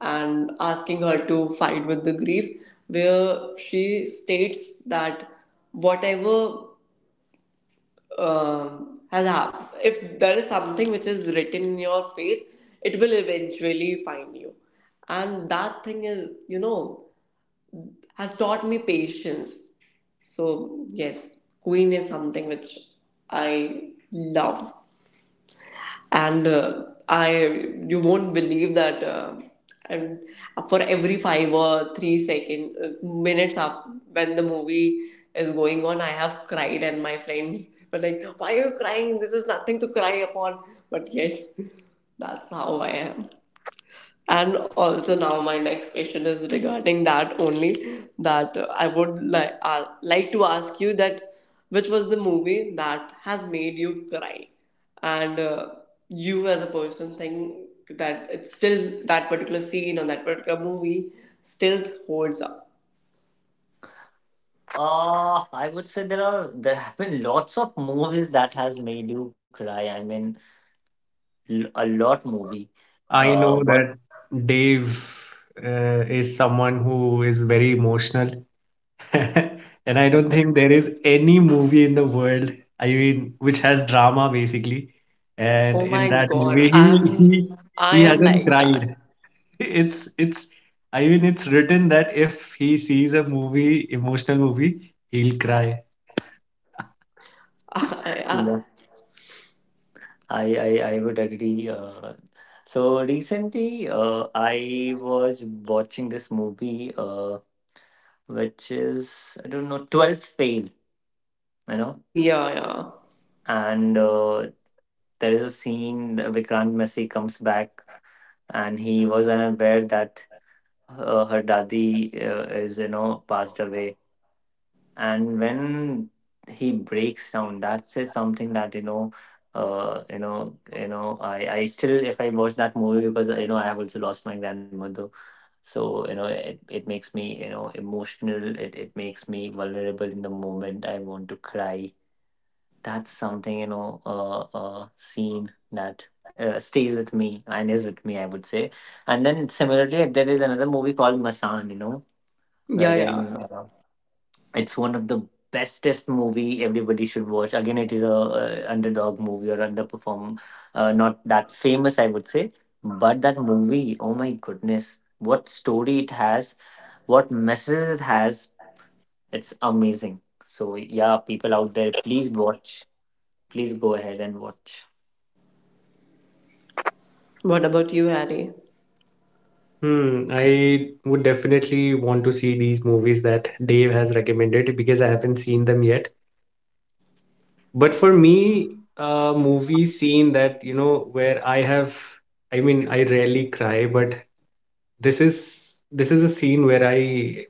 Speaker 1: and asking her to fight with the grief, where she states that whatever um, has happened, if there is something which is written in your faith, it will eventually find you. And that thing is, you know, has taught me patience. So, yes, Queen is something which I love, and uh, I you won't believe that. Uh, and for every five or three second uh, minutes after when the movie is going on, I have cried, and my friends were like, "Why are you crying? This is nothing to cry upon." But yes, that's how I am. And also now my next question is regarding that only, that uh, I would like uh, like to ask you that which was the movie that has made you cry, and uh, you as a person think that it's still that particular scene or that particular movie still holds up.
Speaker 2: Uh, I would say there are, there have been lots of movies that has made you cry. I mean, l- a lot movie.
Speaker 3: I
Speaker 2: Uh,
Speaker 3: know
Speaker 2: one,
Speaker 3: that Dave uh, is someone who is very emotional, and I don't think there is any movie in the world, I mean, which has drama basically. And
Speaker 1: Oh
Speaker 3: in
Speaker 1: my
Speaker 3: that
Speaker 1: god,
Speaker 3: movie, he
Speaker 1: I'm
Speaker 3: he
Speaker 1: I
Speaker 3: he
Speaker 1: am
Speaker 3: hasn't
Speaker 1: like that.
Speaker 3: cried. It's it's I mean, it's written that if he sees a movie, emotional movie, he'll cry.
Speaker 1: I, I,
Speaker 2: yeah, I I I would agree. Uh, so recently, uh, I was watching this movie, uh, which is, I don't know, Twelfth Fail, you know,
Speaker 1: yeah, yeah.
Speaker 2: and uh, there is a scene that Vikrant Messi comes back, and he was unaware that her, her daddy uh, is, you know, passed away. And when he breaks down, that's it, something that, you know, uh you know you know I I still if I watch that movie, because, you know, I have also lost my grandmother, so, you know, it, it makes me, you know, emotional, it, it makes me vulnerable. In the moment, I want to cry. That's something, you know, uh, uh scene that uh, stays with me and is with me, I would say. And then similarly, there is another movie called Masan, you know,
Speaker 1: Yeah, yeah.
Speaker 2: wherein uh, it's one of the bestest movie, everybody should watch. Again, it is a uh, underdog movie or underperform, uh, not that famous, I would say. But that movie, oh my goodness, what story it has, what messages it has, it's amazing. So yeah, people out there, please watch. Please go ahead and watch.
Speaker 1: What about you, Harry?
Speaker 3: Hmm, I would definitely want to see these movies that Dave has recommended because I haven't seen them yet. But for me, a movie scene that, you know, where I have, I mean, I rarely cry, but this is this is a scene where I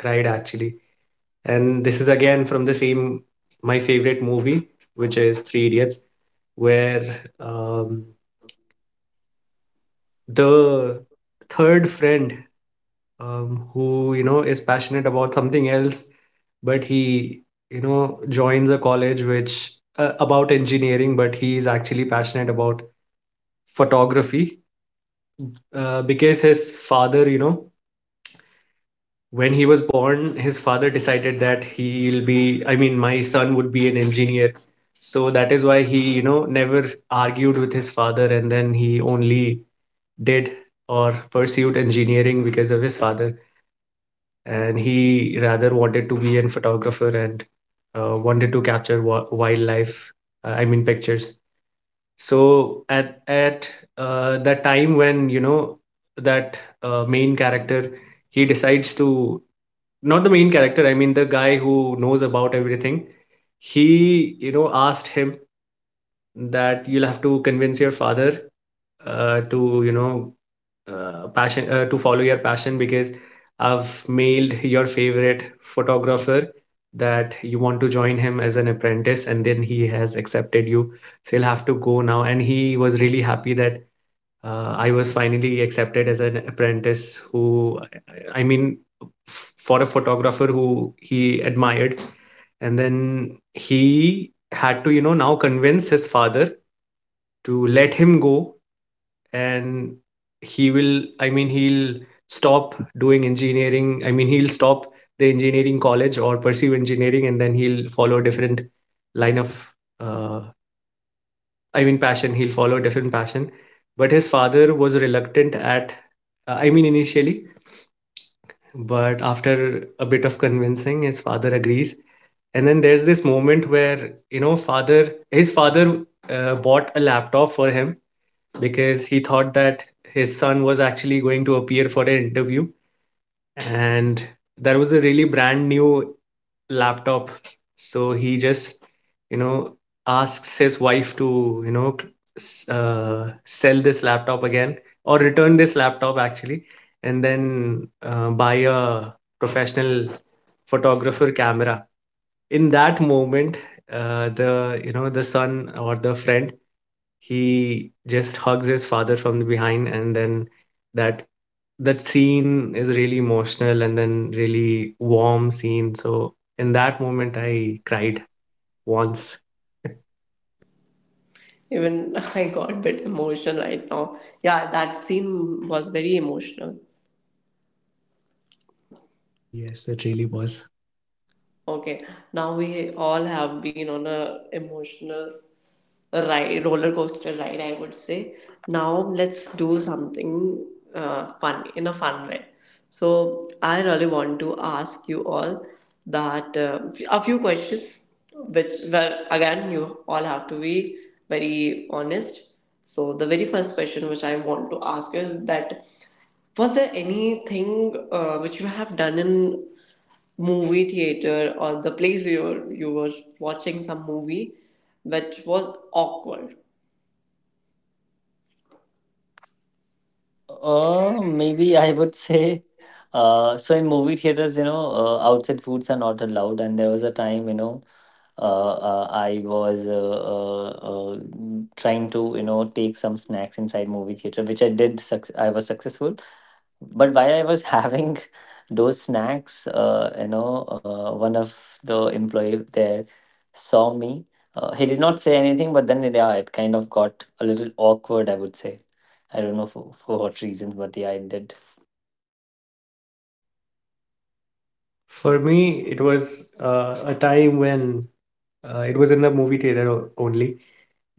Speaker 3: cried actually. And this is again from the same, my favorite movie, which is Three Idiots, where um, the third friend, um, who, you know, is passionate about something else, but he, you know, joins a college which uh, about engineering, but he is actually passionate about photography, uh, because his father, you know, when he was born, his father decided that he'll be, I mean, my son would be an engineer. So that is why he, you know, never argued with his father, and then he only did or pursued engineering because of his father. And he rather wanted to be a photographer and uh, wanted to capture wa- wildlife, uh, I mean, pictures. So at at uh, that time when you know that uh, main character, he decides to, not the main character, I mean the guy who knows about everything. He you know asked him that you'll have to convince your father uh, to you know uh, passion uh, to follow your passion, because I've mailed your favorite photographer that you want to join him as an apprentice, and then he has accepted you. So you'll have to go now. And he was really happy that uh, I was finally accepted as an apprentice. Who, I mean, for a photographer who he admired. And then he had to, you know, now convince his father to let him go, and he will i mean he'll stop doing engineering, I mean, he'll stop the engineering college or pursue engineering, and then he'll follow a different line of uh, I mean, passion. He'll follow a different passion. But his father was reluctant at, uh, I mean, initially, but after a bit of convincing his father agrees. And then there's this moment where you know father his father uh, bought a laptop for him, because he thought that his son was actually going to appear for an interview. And that was a really brand new laptop. So he just, you know asks his wife to, you know uh, sell this laptop again, or return this laptop actually, and then uh, buy a professional photographer camera. In that moment, uh, the you know the son or the friend, he just hugs his father from the behind, and then that that scene is really emotional and then really warm scene. So in that moment I cried once.
Speaker 1: Even I got a bit emotional right now. Yeah, that scene was very emotional.
Speaker 3: Yes, it really was.
Speaker 1: Okay, now we all have been on a emotional ride, roller coaster ride, I would say. Now let's do something uh, fun in a fun way. So I really want to ask you all that uh, a few questions, which where again you all have to be very honest. So the very first question which I want to ask is that was there anything uh, which you have done in movie theater or the place where you were, you were watching some movie which was awkward?
Speaker 2: Uh, maybe I would say, uh, so in movie theaters, you know, uh, outside foods are not allowed. And there was a time, you know, uh, uh, I was uh, uh, uh, trying to, you know, take some snacks inside movie theater, which I did. Suc I was successful, but while I was having those snacks, uh, you know, uh, one of the employee there saw me. Uh, he did not say anything, but then yeah, it kind of got a little awkward, I would say. I don't know for, for what reasons, but yeah, it did.
Speaker 3: For me it was uh, a time when, uh, it was in the movie theater o- only.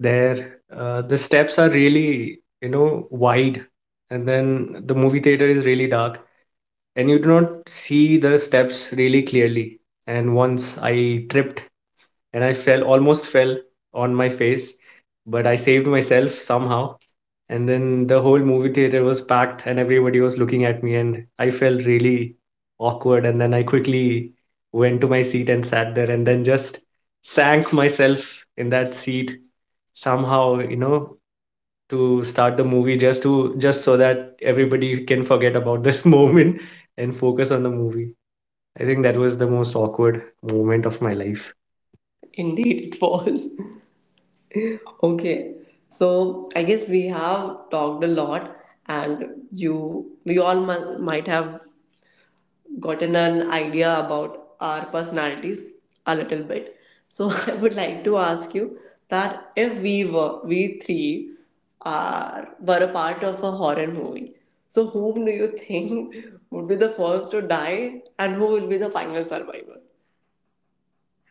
Speaker 3: There, uh, the steps are really, you know, wide, and then the movie theater is really dark, and you do not see the steps really clearly. And once I tripped and I fell, almost fell on my face, but I saved myself somehow. And then the whole movie theater was packed and everybody was looking at me, and I felt really awkward. And then I quickly went to my seat and sat there, and then just sank myself in that seat somehow, you know, to start the movie, just to just so that everybody can forget about this moment and focus on the movie. I think that was the most awkward moment of my life.
Speaker 1: Indeed, it was. Okay, so I guess we have talked a lot, and you we all mu- might have gotten an idea about our personalities a little bit. So I would like to ask you that if we were we three are were a part of a horror movie, so whom do you think would be the first to die and who will be the final survivor?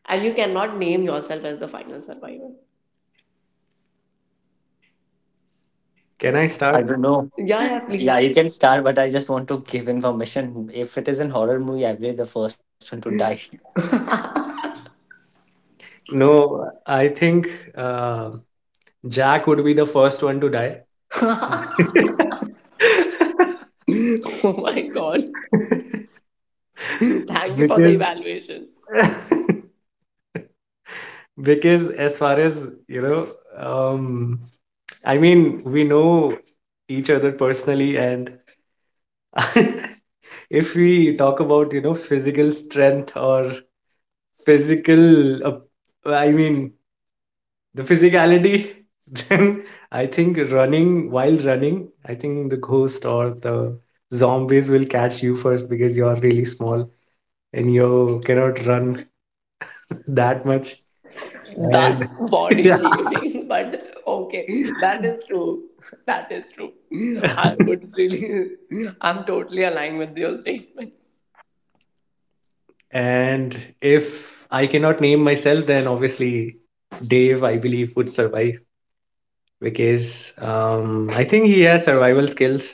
Speaker 1: And you cannot name yourself as the final survivor.
Speaker 3: Can I
Speaker 2: I
Speaker 3: start?
Speaker 2: don't know.
Speaker 1: Yeah, yeah,
Speaker 2: Yeah,
Speaker 1: please.
Speaker 2: you can start, but I just want to give information. If it is an horror movie, I'll be the first one to die.
Speaker 3: No, I think uh, Jack would be the first one to die.
Speaker 1: Oh my god. Thank you for the
Speaker 3: because
Speaker 1: evaluation.
Speaker 3: because, as far as you know, um I mean, we know each other personally, and if we talk about, you know, physical strength or physical, uh, I mean, the physicality, then I think running, while running, I think the ghost or the zombies will catch you first because you're really small and you cannot run that much. And
Speaker 1: That's body
Speaker 3: yeah.
Speaker 1: shaming, but okay, that is true. That is true. I would really, I'm totally aligned with your statement.
Speaker 3: And if I cannot name myself, then obviously Dave, I believe, would survive, because um, I think he has survival skills.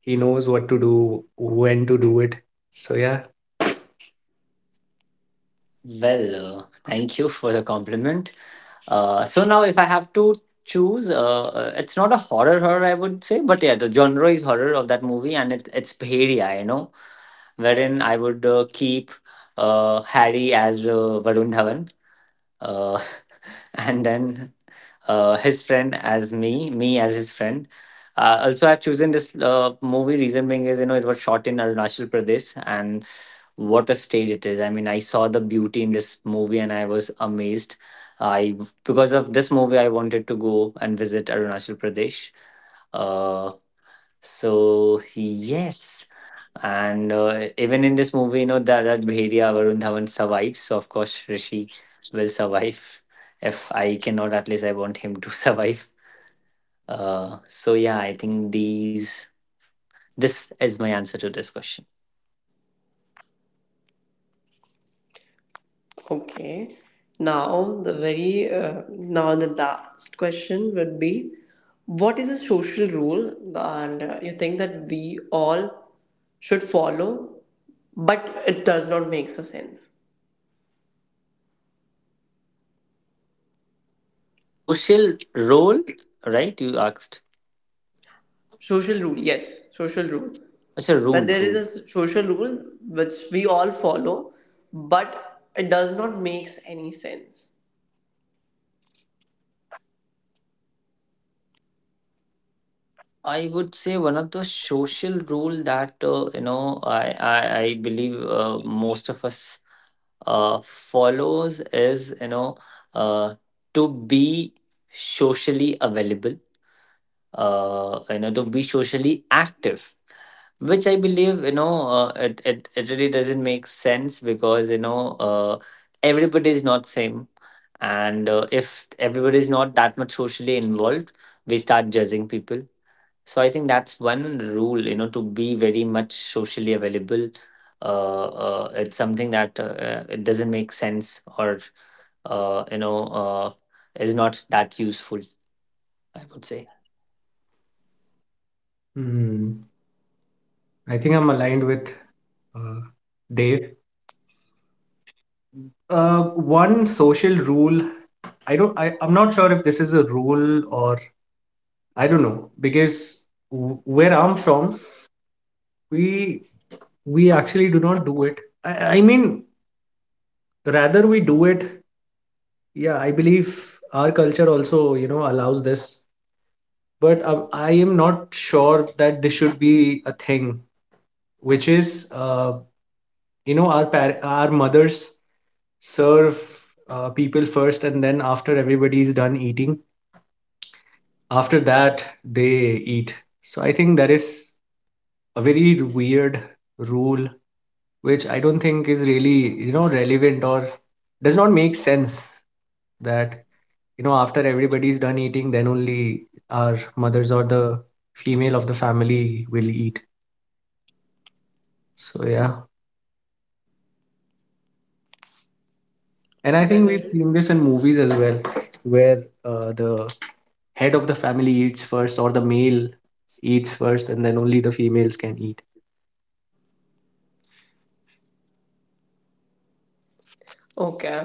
Speaker 3: He knows what to do, when to do it. So yeah.
Speaker 2: Well, uh, thank you for the compliment. Uh, so now, if I have to choose, uh, uh, it's not a horror horror, I would say, but yeah, the genre is horror of that movie, and it, it's Bheria, you know, wherein I would uh, keep uh, Harry as uh, Varun Dhawan, uh, and then uh, his friend as me, me as his friend. Uh, also, I've chosen this uh, movie. Reason being is, you know, it was shot in Arunachal Pradesh, and what a stage it is. I mean, I saw the beauty in this movie and I was amazed. I, because of this movie, I wanted to go and visit Arunachal Pradesh. Uh, so yes, and uh, even in this movie, you know, that that Bhedia Varun Dhawan survives. So of course, Rishi will survive. If I cannot, at least I want him to survive. Uh, so yeah, I think these this is my answer to this question.
Speaker 1: Okay, now the very, uh, now the last question would be, what is a social rule and uh, you think that we all should follow, but it does not make so sense?
Speaker 2: Social role, right? You asked.
Speaker 1: Social rule, yes, social rule.
Speaker 2: It's a
Speaker 1: That
Speaker 2: rule,
Speaker 1: there is
Speaker 2: rule.
Speaker 1: a social rule which we all follow, but it does not makes any sense.
Speaker 2: I would say one of the social rule that, uh, you know, I I, I believe uh, most of us uh, follows is, you know, uh, to be socially available, uh, you know, to be socially active, which I believe, you know, uh, it, it it really doesn't make sense, because, you know, uh, everybody is not same, and uh, if everybody is not that much socially involved, we start judging people. So I think that's one rule, you know, to be very much socially available. Uh, uh, it's something that uh, uh, it doesn't make sense, or uh, you know uh, is not that useful, I would say.
Speaker 3: Hmm, I think I'm aligned with, uh, Dave. Uh, one social rule, I don't, I, I'm not sure if this is a rule or I don't know, because w- where I'm from, we we actually do not do it. I, I mean, rather we do it. Yeah, I believe our culture also, you know, allows this, but um, I am not sure that this should be a thing, which is, uh, you know, our par- our mothers serve uh, people first, and then after everybody is done eating, after that they eat. So I think that is a very weird rule, which I don't think is really, you know, relevant, or does not make sense, that, you know, after everybody is done eating, then only our mothers or the female of the family will eat. So yeah. And I think
Speaker 1: Well,
Speaker 3: we've seen this in movies as well, where uh, the head of the family eats first, or the male eats first, and then only the females can eat.
Speaker 1: okay,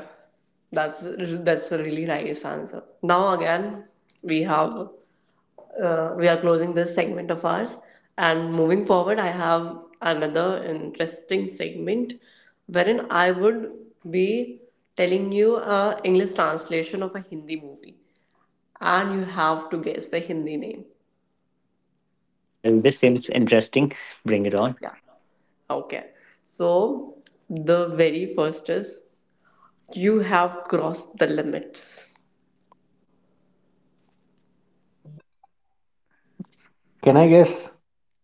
Speaker 1: that's that's a really nice answer. Now again, we have uh, we are closing this segment of ours, and moving forward, I have another interesting segment wherein I would be telling you a English translation of a Hindi movie, and you have to guess the Hindi name.
Speaker 2: Well, this
Speaker 1: So,
Speaker 2: seems interesting. Bring it on.
Speaker 1: yeah. Okay. So the very first is, you have crossed the limits.
Speaker 3: Can I guess?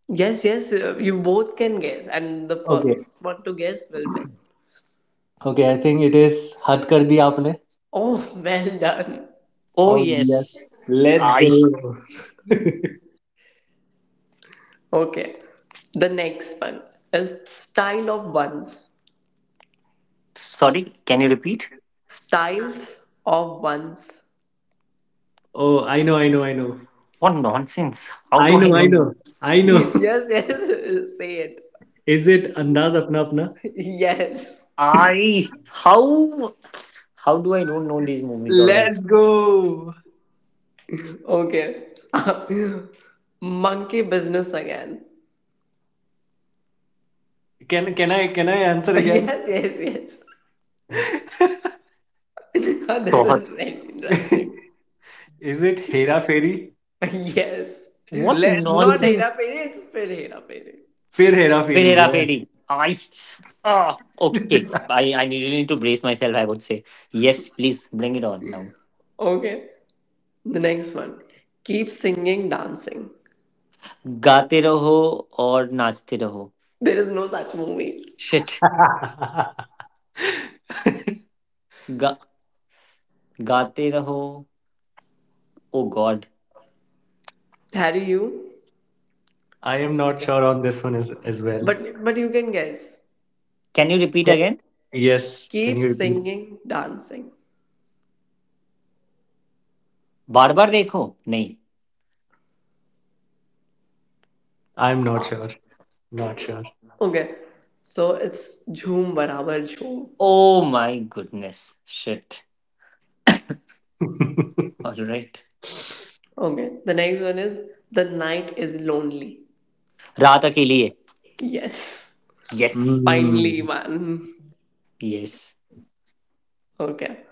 Speaker 1: Yes, yes, uh, you both can guess, and the
Speaker 3: Okay.
Speaker 1: first one to guess will win.
Speaker 3: Okay, I think it is हद kar दिया आपने.
Speaker 1: Oh, well done.
Speaker 2: Oh
Speaker 3: Oh yes.
Speaker 2: yes,
Speaker 3: Let's
Speaker 2: I.
Speaker 3: go.
Speaker 1: Okay. The next one is style of ones.
Speaker 2: Sorry, can you repeat?
Speaker 1: Styles of ones.
Speaker 3: oh I know I know I know
Speaker 2: What nonsense! How
Speaker 3: I
Speaker 2: do
Speaker 3: know
Speaker 2: I
Speaker 3: I
Speaker 2: don't know?
Speaker 3: know
Speaker 2: No.
Speaker 3: I know
Speaker 1: Yes, yes, say it.
Speaker 3: is it Andaz अपना अपना.
Speaker 1: Yes.
Speaker 2: I, how how do I don't know these movies? All right.
Speaker 3: Let's go.
Speaker 1: Okay. Monkey business again.
Speaker 3: can can i can i answer again?
Speaker 1: Yes, yes, yes. This
Speaker 2: God,
Speaker 1: is very interesting.
Speaker 3: Is it Hera फरी फेरी?
Speaker 1: Yes.
Speaker 2: what
Speaker 3: Let's go.
Speaker 1: Not Hera
Speaker 2: nonsense!
Speaker 1: Fairy, it's Fir Hera Fairy.
Speaker 3: फिर Hera
Speaker 2: With
Speaker 3: Pheri.
Speaker 2: Hera Fedi. I. Ah, okay. I, I needed to brace myself, I would say. Yes, please bring it on now.
Speaker 1: Okay. The next one. Keep singing, dancing.
Speaker 2: गाते रहो और नाचते रहो
Speaker 1: There is no such movie.
Speaker 2: Shit
Speaker 3: Yeah.
Speaker 2: गा, गाते रहो oh God
Speaker 1: Harry, you?
Speaker 3: I am not sure on this one, as, as well.
Speaker 1: But but you can guess.
Speaker 2: Can you repeat
Speaker 3: Ca-
Speaker 2: again
Speaker 3: Yes, can
Speaker 1: Keep
Speaker 3: you repeat?
Speaker 1: singing, dancing.
Speaker 2: बार बार देखो नहीं
Speaker 3: I'm not sure. Not sure.
Speaker 1: Okay. So it's Jhoom Barabar Jhoom.
Speaker 2: Oh my goodness shit alright
Speaker 1: Okay. The next one is the night is lonely.
Speaker 2: रात Akeli Hai
Speaker 1: Yes.
Speaker 2: Yes
Speaker 1: Finally,
Speaker 3: Mm,
Speaker 1: man.
Speaker 2: Yes
Speaker 1: Okay.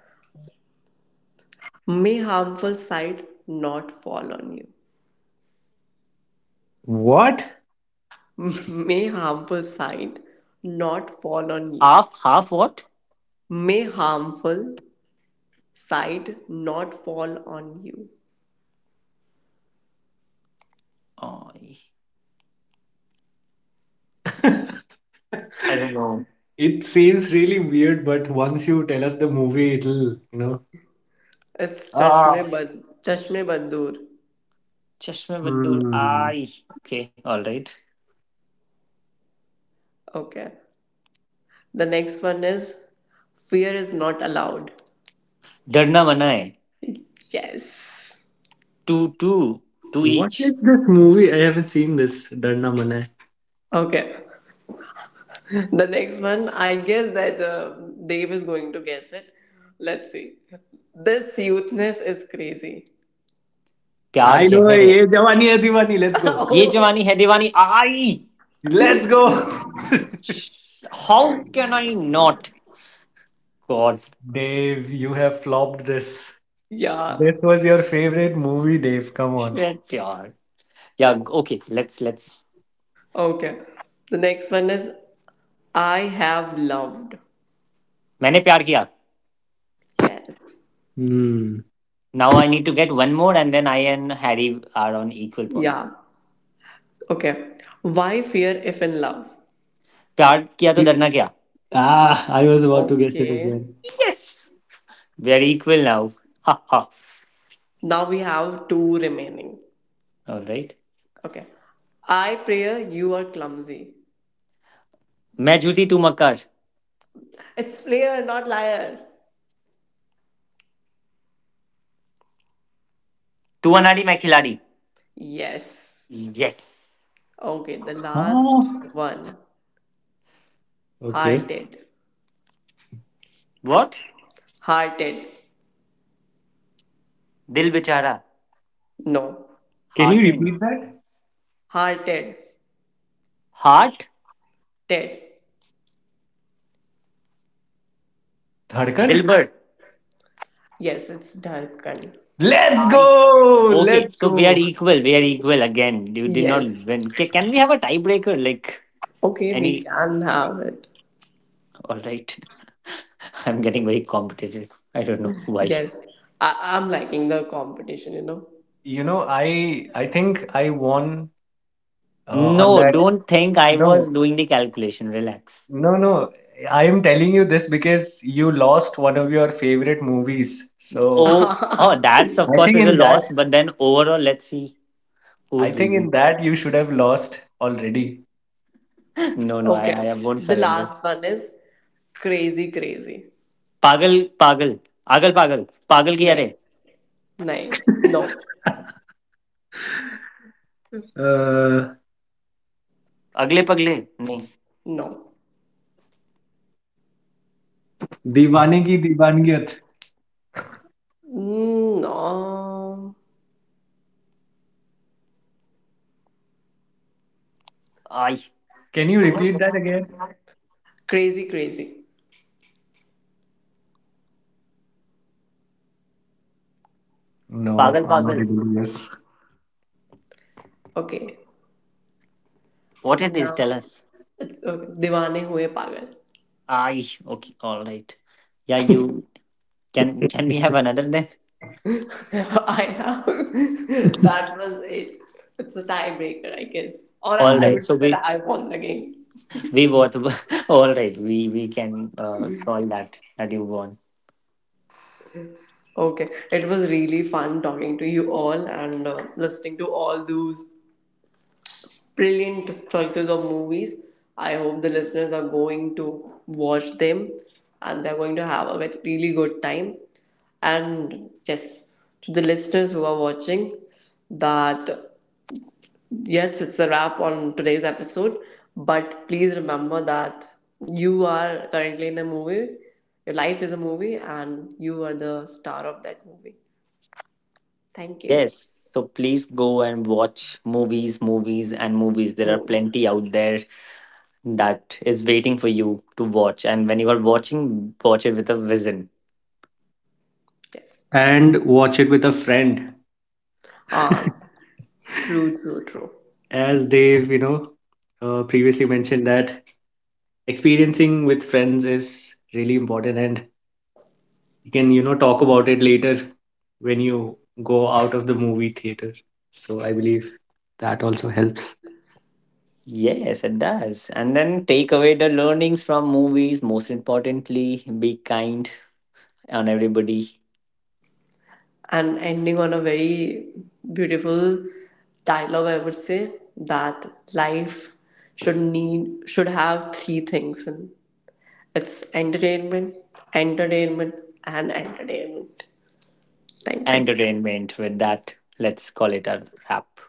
Speaker 1: May harmful sight not fall on you.
Speaker 3: what?
Speaker 1: May harmful sight not fall on you.
Speaker 2: Half half what
Speaker 1: May harmful sight not fall on you.
Speaker 2: I don't know
Speaker 3: It seems really weird, but once you tell us the movie, it'll, you know.
Speaker 1: It's chashme
Speaker 3: Ah,
Speaker 1: bad chashme badur.
Speaker 2: चश्मे Baddoor
Speaker 3: hmm.
Speaker 2: I okay alright
Speaker 1: Okay. The next one is fear is not allowed.
Speaker 2: डरना Mana Hai
Speaker 1: Yes.
Speaker 2: Two two two
Speaker 3: What
Speaker 2: each
Speaker 3: is this movie? I haven't seen this. Darna Mana
Speaker 1: Okay. The next one, I guess that uh, Dave is going to guess it. Let's see. This youthness is crazy.
Speaker 2: प्यार
Speaker 3: Hai. I know,
Speaker 2: जहर है
Speaker 3: ye Jawani Hai Diwani. Let's go.
Speaker 2: ये Jawaani
Speaker 1: Oh,
Speaker 2: Hai Deewani I
Speaker 3: Let's go.
Speaker 2: How can I not God
Speaker 3: Dave, you have flopped this.
Speaker 1: yeah.
Speaker 3: This was your favorite movie, Dave. Come on.
Speaker 2: Shit यार yeah okay let's let's
Speaker 1: Okay. The next one is I have loved.
Speaker 2: मैंने प्यार Kiya
Speaker 1: Yes.
Speaker 3: Hmm.
Speaker 2: Now I need to get one more and then I and Harry are on equal
Speaker 1: Yeah.
Speaker 2: Points
Speaker 1: Okay. Why fear if in love?
Speaker 2: प्यार किया तो डरना क्या
Speaker 3: Ah, I was about to guess it as well.
Speaker 1: Okay.
Speaker 2: Yes we are equal now ha ha
Speaker 1: Now we have two remaining.
Speaker 2: Alright
Speaker 1: Okay. I pray you are clumsy.
Speaker 2: मैं जूती तू मकर
Speaker 1: It's player, not liar.
Speaker 2: तू अनाड़ी Main Khiladi
Speaker 1: Yes.
Speaker 2: Yes
Speaker 1: Okay. The last
Speaker 3: Huh?
Speaker 1: one.
Speaker 3: Okay.
Speaker 1: Hearted.
Speaker 2: What
Speaker 1: Hearted.
Speaker 2: Dil Bechara
Speaker 1: No.
Speaker 3: Can you
Speaker 2: heart and
Speaker 3: repeat that?
Speaker 1: Hearted.
Speaker 2: Heart
Speaker 1: Dead.
Speaker 3: Dhadkan?
Speaker 2: Dilbar.
Speaker 1: Yes, it's Darkan.
Speaker 3: Let's
Speaker 2: I
Speaker 3: go!
Speaker 2: okay.
Speaker 3: Let's
Speaker 2: So we are
Speaker 3: go!
Speaker 2: equal. We are equal again. You did not
Speaker 1: Yes.
Speaker 2: win. Ca can we have a tiebreaker? Like
Speaker 1: Okay, we
Speaker 2: any?
Speaker 1: can have it.
Speaker 2: All right. I'm getting very competitive. I don't know why.
Speaker 1: Yes, I- I'm liking the competition, you know.
Speaker 3: You know, I I think I won uh, on
Speaker 2: No,
Speaker 3: that.
Speaker 2: don't think I
Speaker 3: No,
Speaker 2: was doing the calculation. Relax.
Speaker 3: no, no. I am telling you this because you lost one of your favorite movies. So
Speaker 2: Oh, oh, that's of
Speaker 3: I
Speaker 2: course
Speaker 3: think
Speaker 2: is a
Speaker 3: in that,
Speaker 2: loss. But then overall, let's see
Speaker 3: I
Speaker 2: who's
Speaker 3: think in
Speaker 2: losing.
Speaker 3: that you should have lost already.
Speaker 2: No, no, I,
Speaker 1: Okay,
Speaker 2: I won't
Speaker 1: the
Speaker 2: surrender.
Speaker 1: last one is crazy, crazy.
Speaker 2: Pagal, pagal, agal, pagal, pagal ki are.
Speaker 1: नहीं No,
Speaker 3: Uh,
Speaker 2: Agle pagle. नहीं.
Speaker 1: no.
Speaker 3: Divanegi Divaniyat.
Speaker 1: No,
Speaker 2: I.
Speaker 3: Can you repeat that again?
Speaker 1: crazy, crazy.
Speaker 3: No,
Speaker 2: Pagal,
Speaker 3: I'm not
Speaker 2: pagal.
Speaker 3: able to guess.
Speaker 1: Okay.
Speaker 2: What it is? Tell
Speaker 1: okay
Speaker 2: us.
Speaker 1: It's okay. Divane हुए pagal.
Speaker 2: I okay, all right. Yeah, you, can can we have another then?
Speaker 1: I have that was it. It's a tiebreaker, I guess. Or
Speaker 2: All
Speaker 1: I
Speaker 3: Yes.
Speaker 2: right.
Speaker 1: would
Speaker 2: So
Speaker 1: say that
Speaker 2: we
Speaker 1: I won the game.
Speaker 2: we both all right. We we can uh solve that that you want.
Speaker 1: Okay, it was really fun talking to you all and uh, listening to all those brilliant choices of movies. I hope the listeners are going to watch them and they're going to have a very- really good time. And yes, to the listeners who are watching, that yes, it's a wrap on today's episode, but please remember that you are currently in a movie, your life is a movie, and you are the star of that movie. Thank you.
Speaker 2: Yes. So please go and watch movies, movies and movies. There are
Speaker 1: Movies,
Speaker 2: plenty out there that is waiting for you to watch. And when you are watching, watch it with a vision.
Speaker 1: yes.
Speaker 3: And watch it with a friend.
Speaker 1: Uh, True, true, true.
Speaker 3: As Dave, you know, uh, previously mentioned that experiencing with friends is really important, and you can, you know, talk about it later when you go out of the movie theater. So I believe that also helps.
Speaker 2: Yes, it does. And then take away the learnings from movies. Most importantly, be kind on everybody
Speaker 1: And ending on a very beautiful dialogue, I would say that life should need should have three things and it's entertainment, entertainment, and entertainment. Thank you.
Speaker 2: entertainment. With that, let's call it a wrap.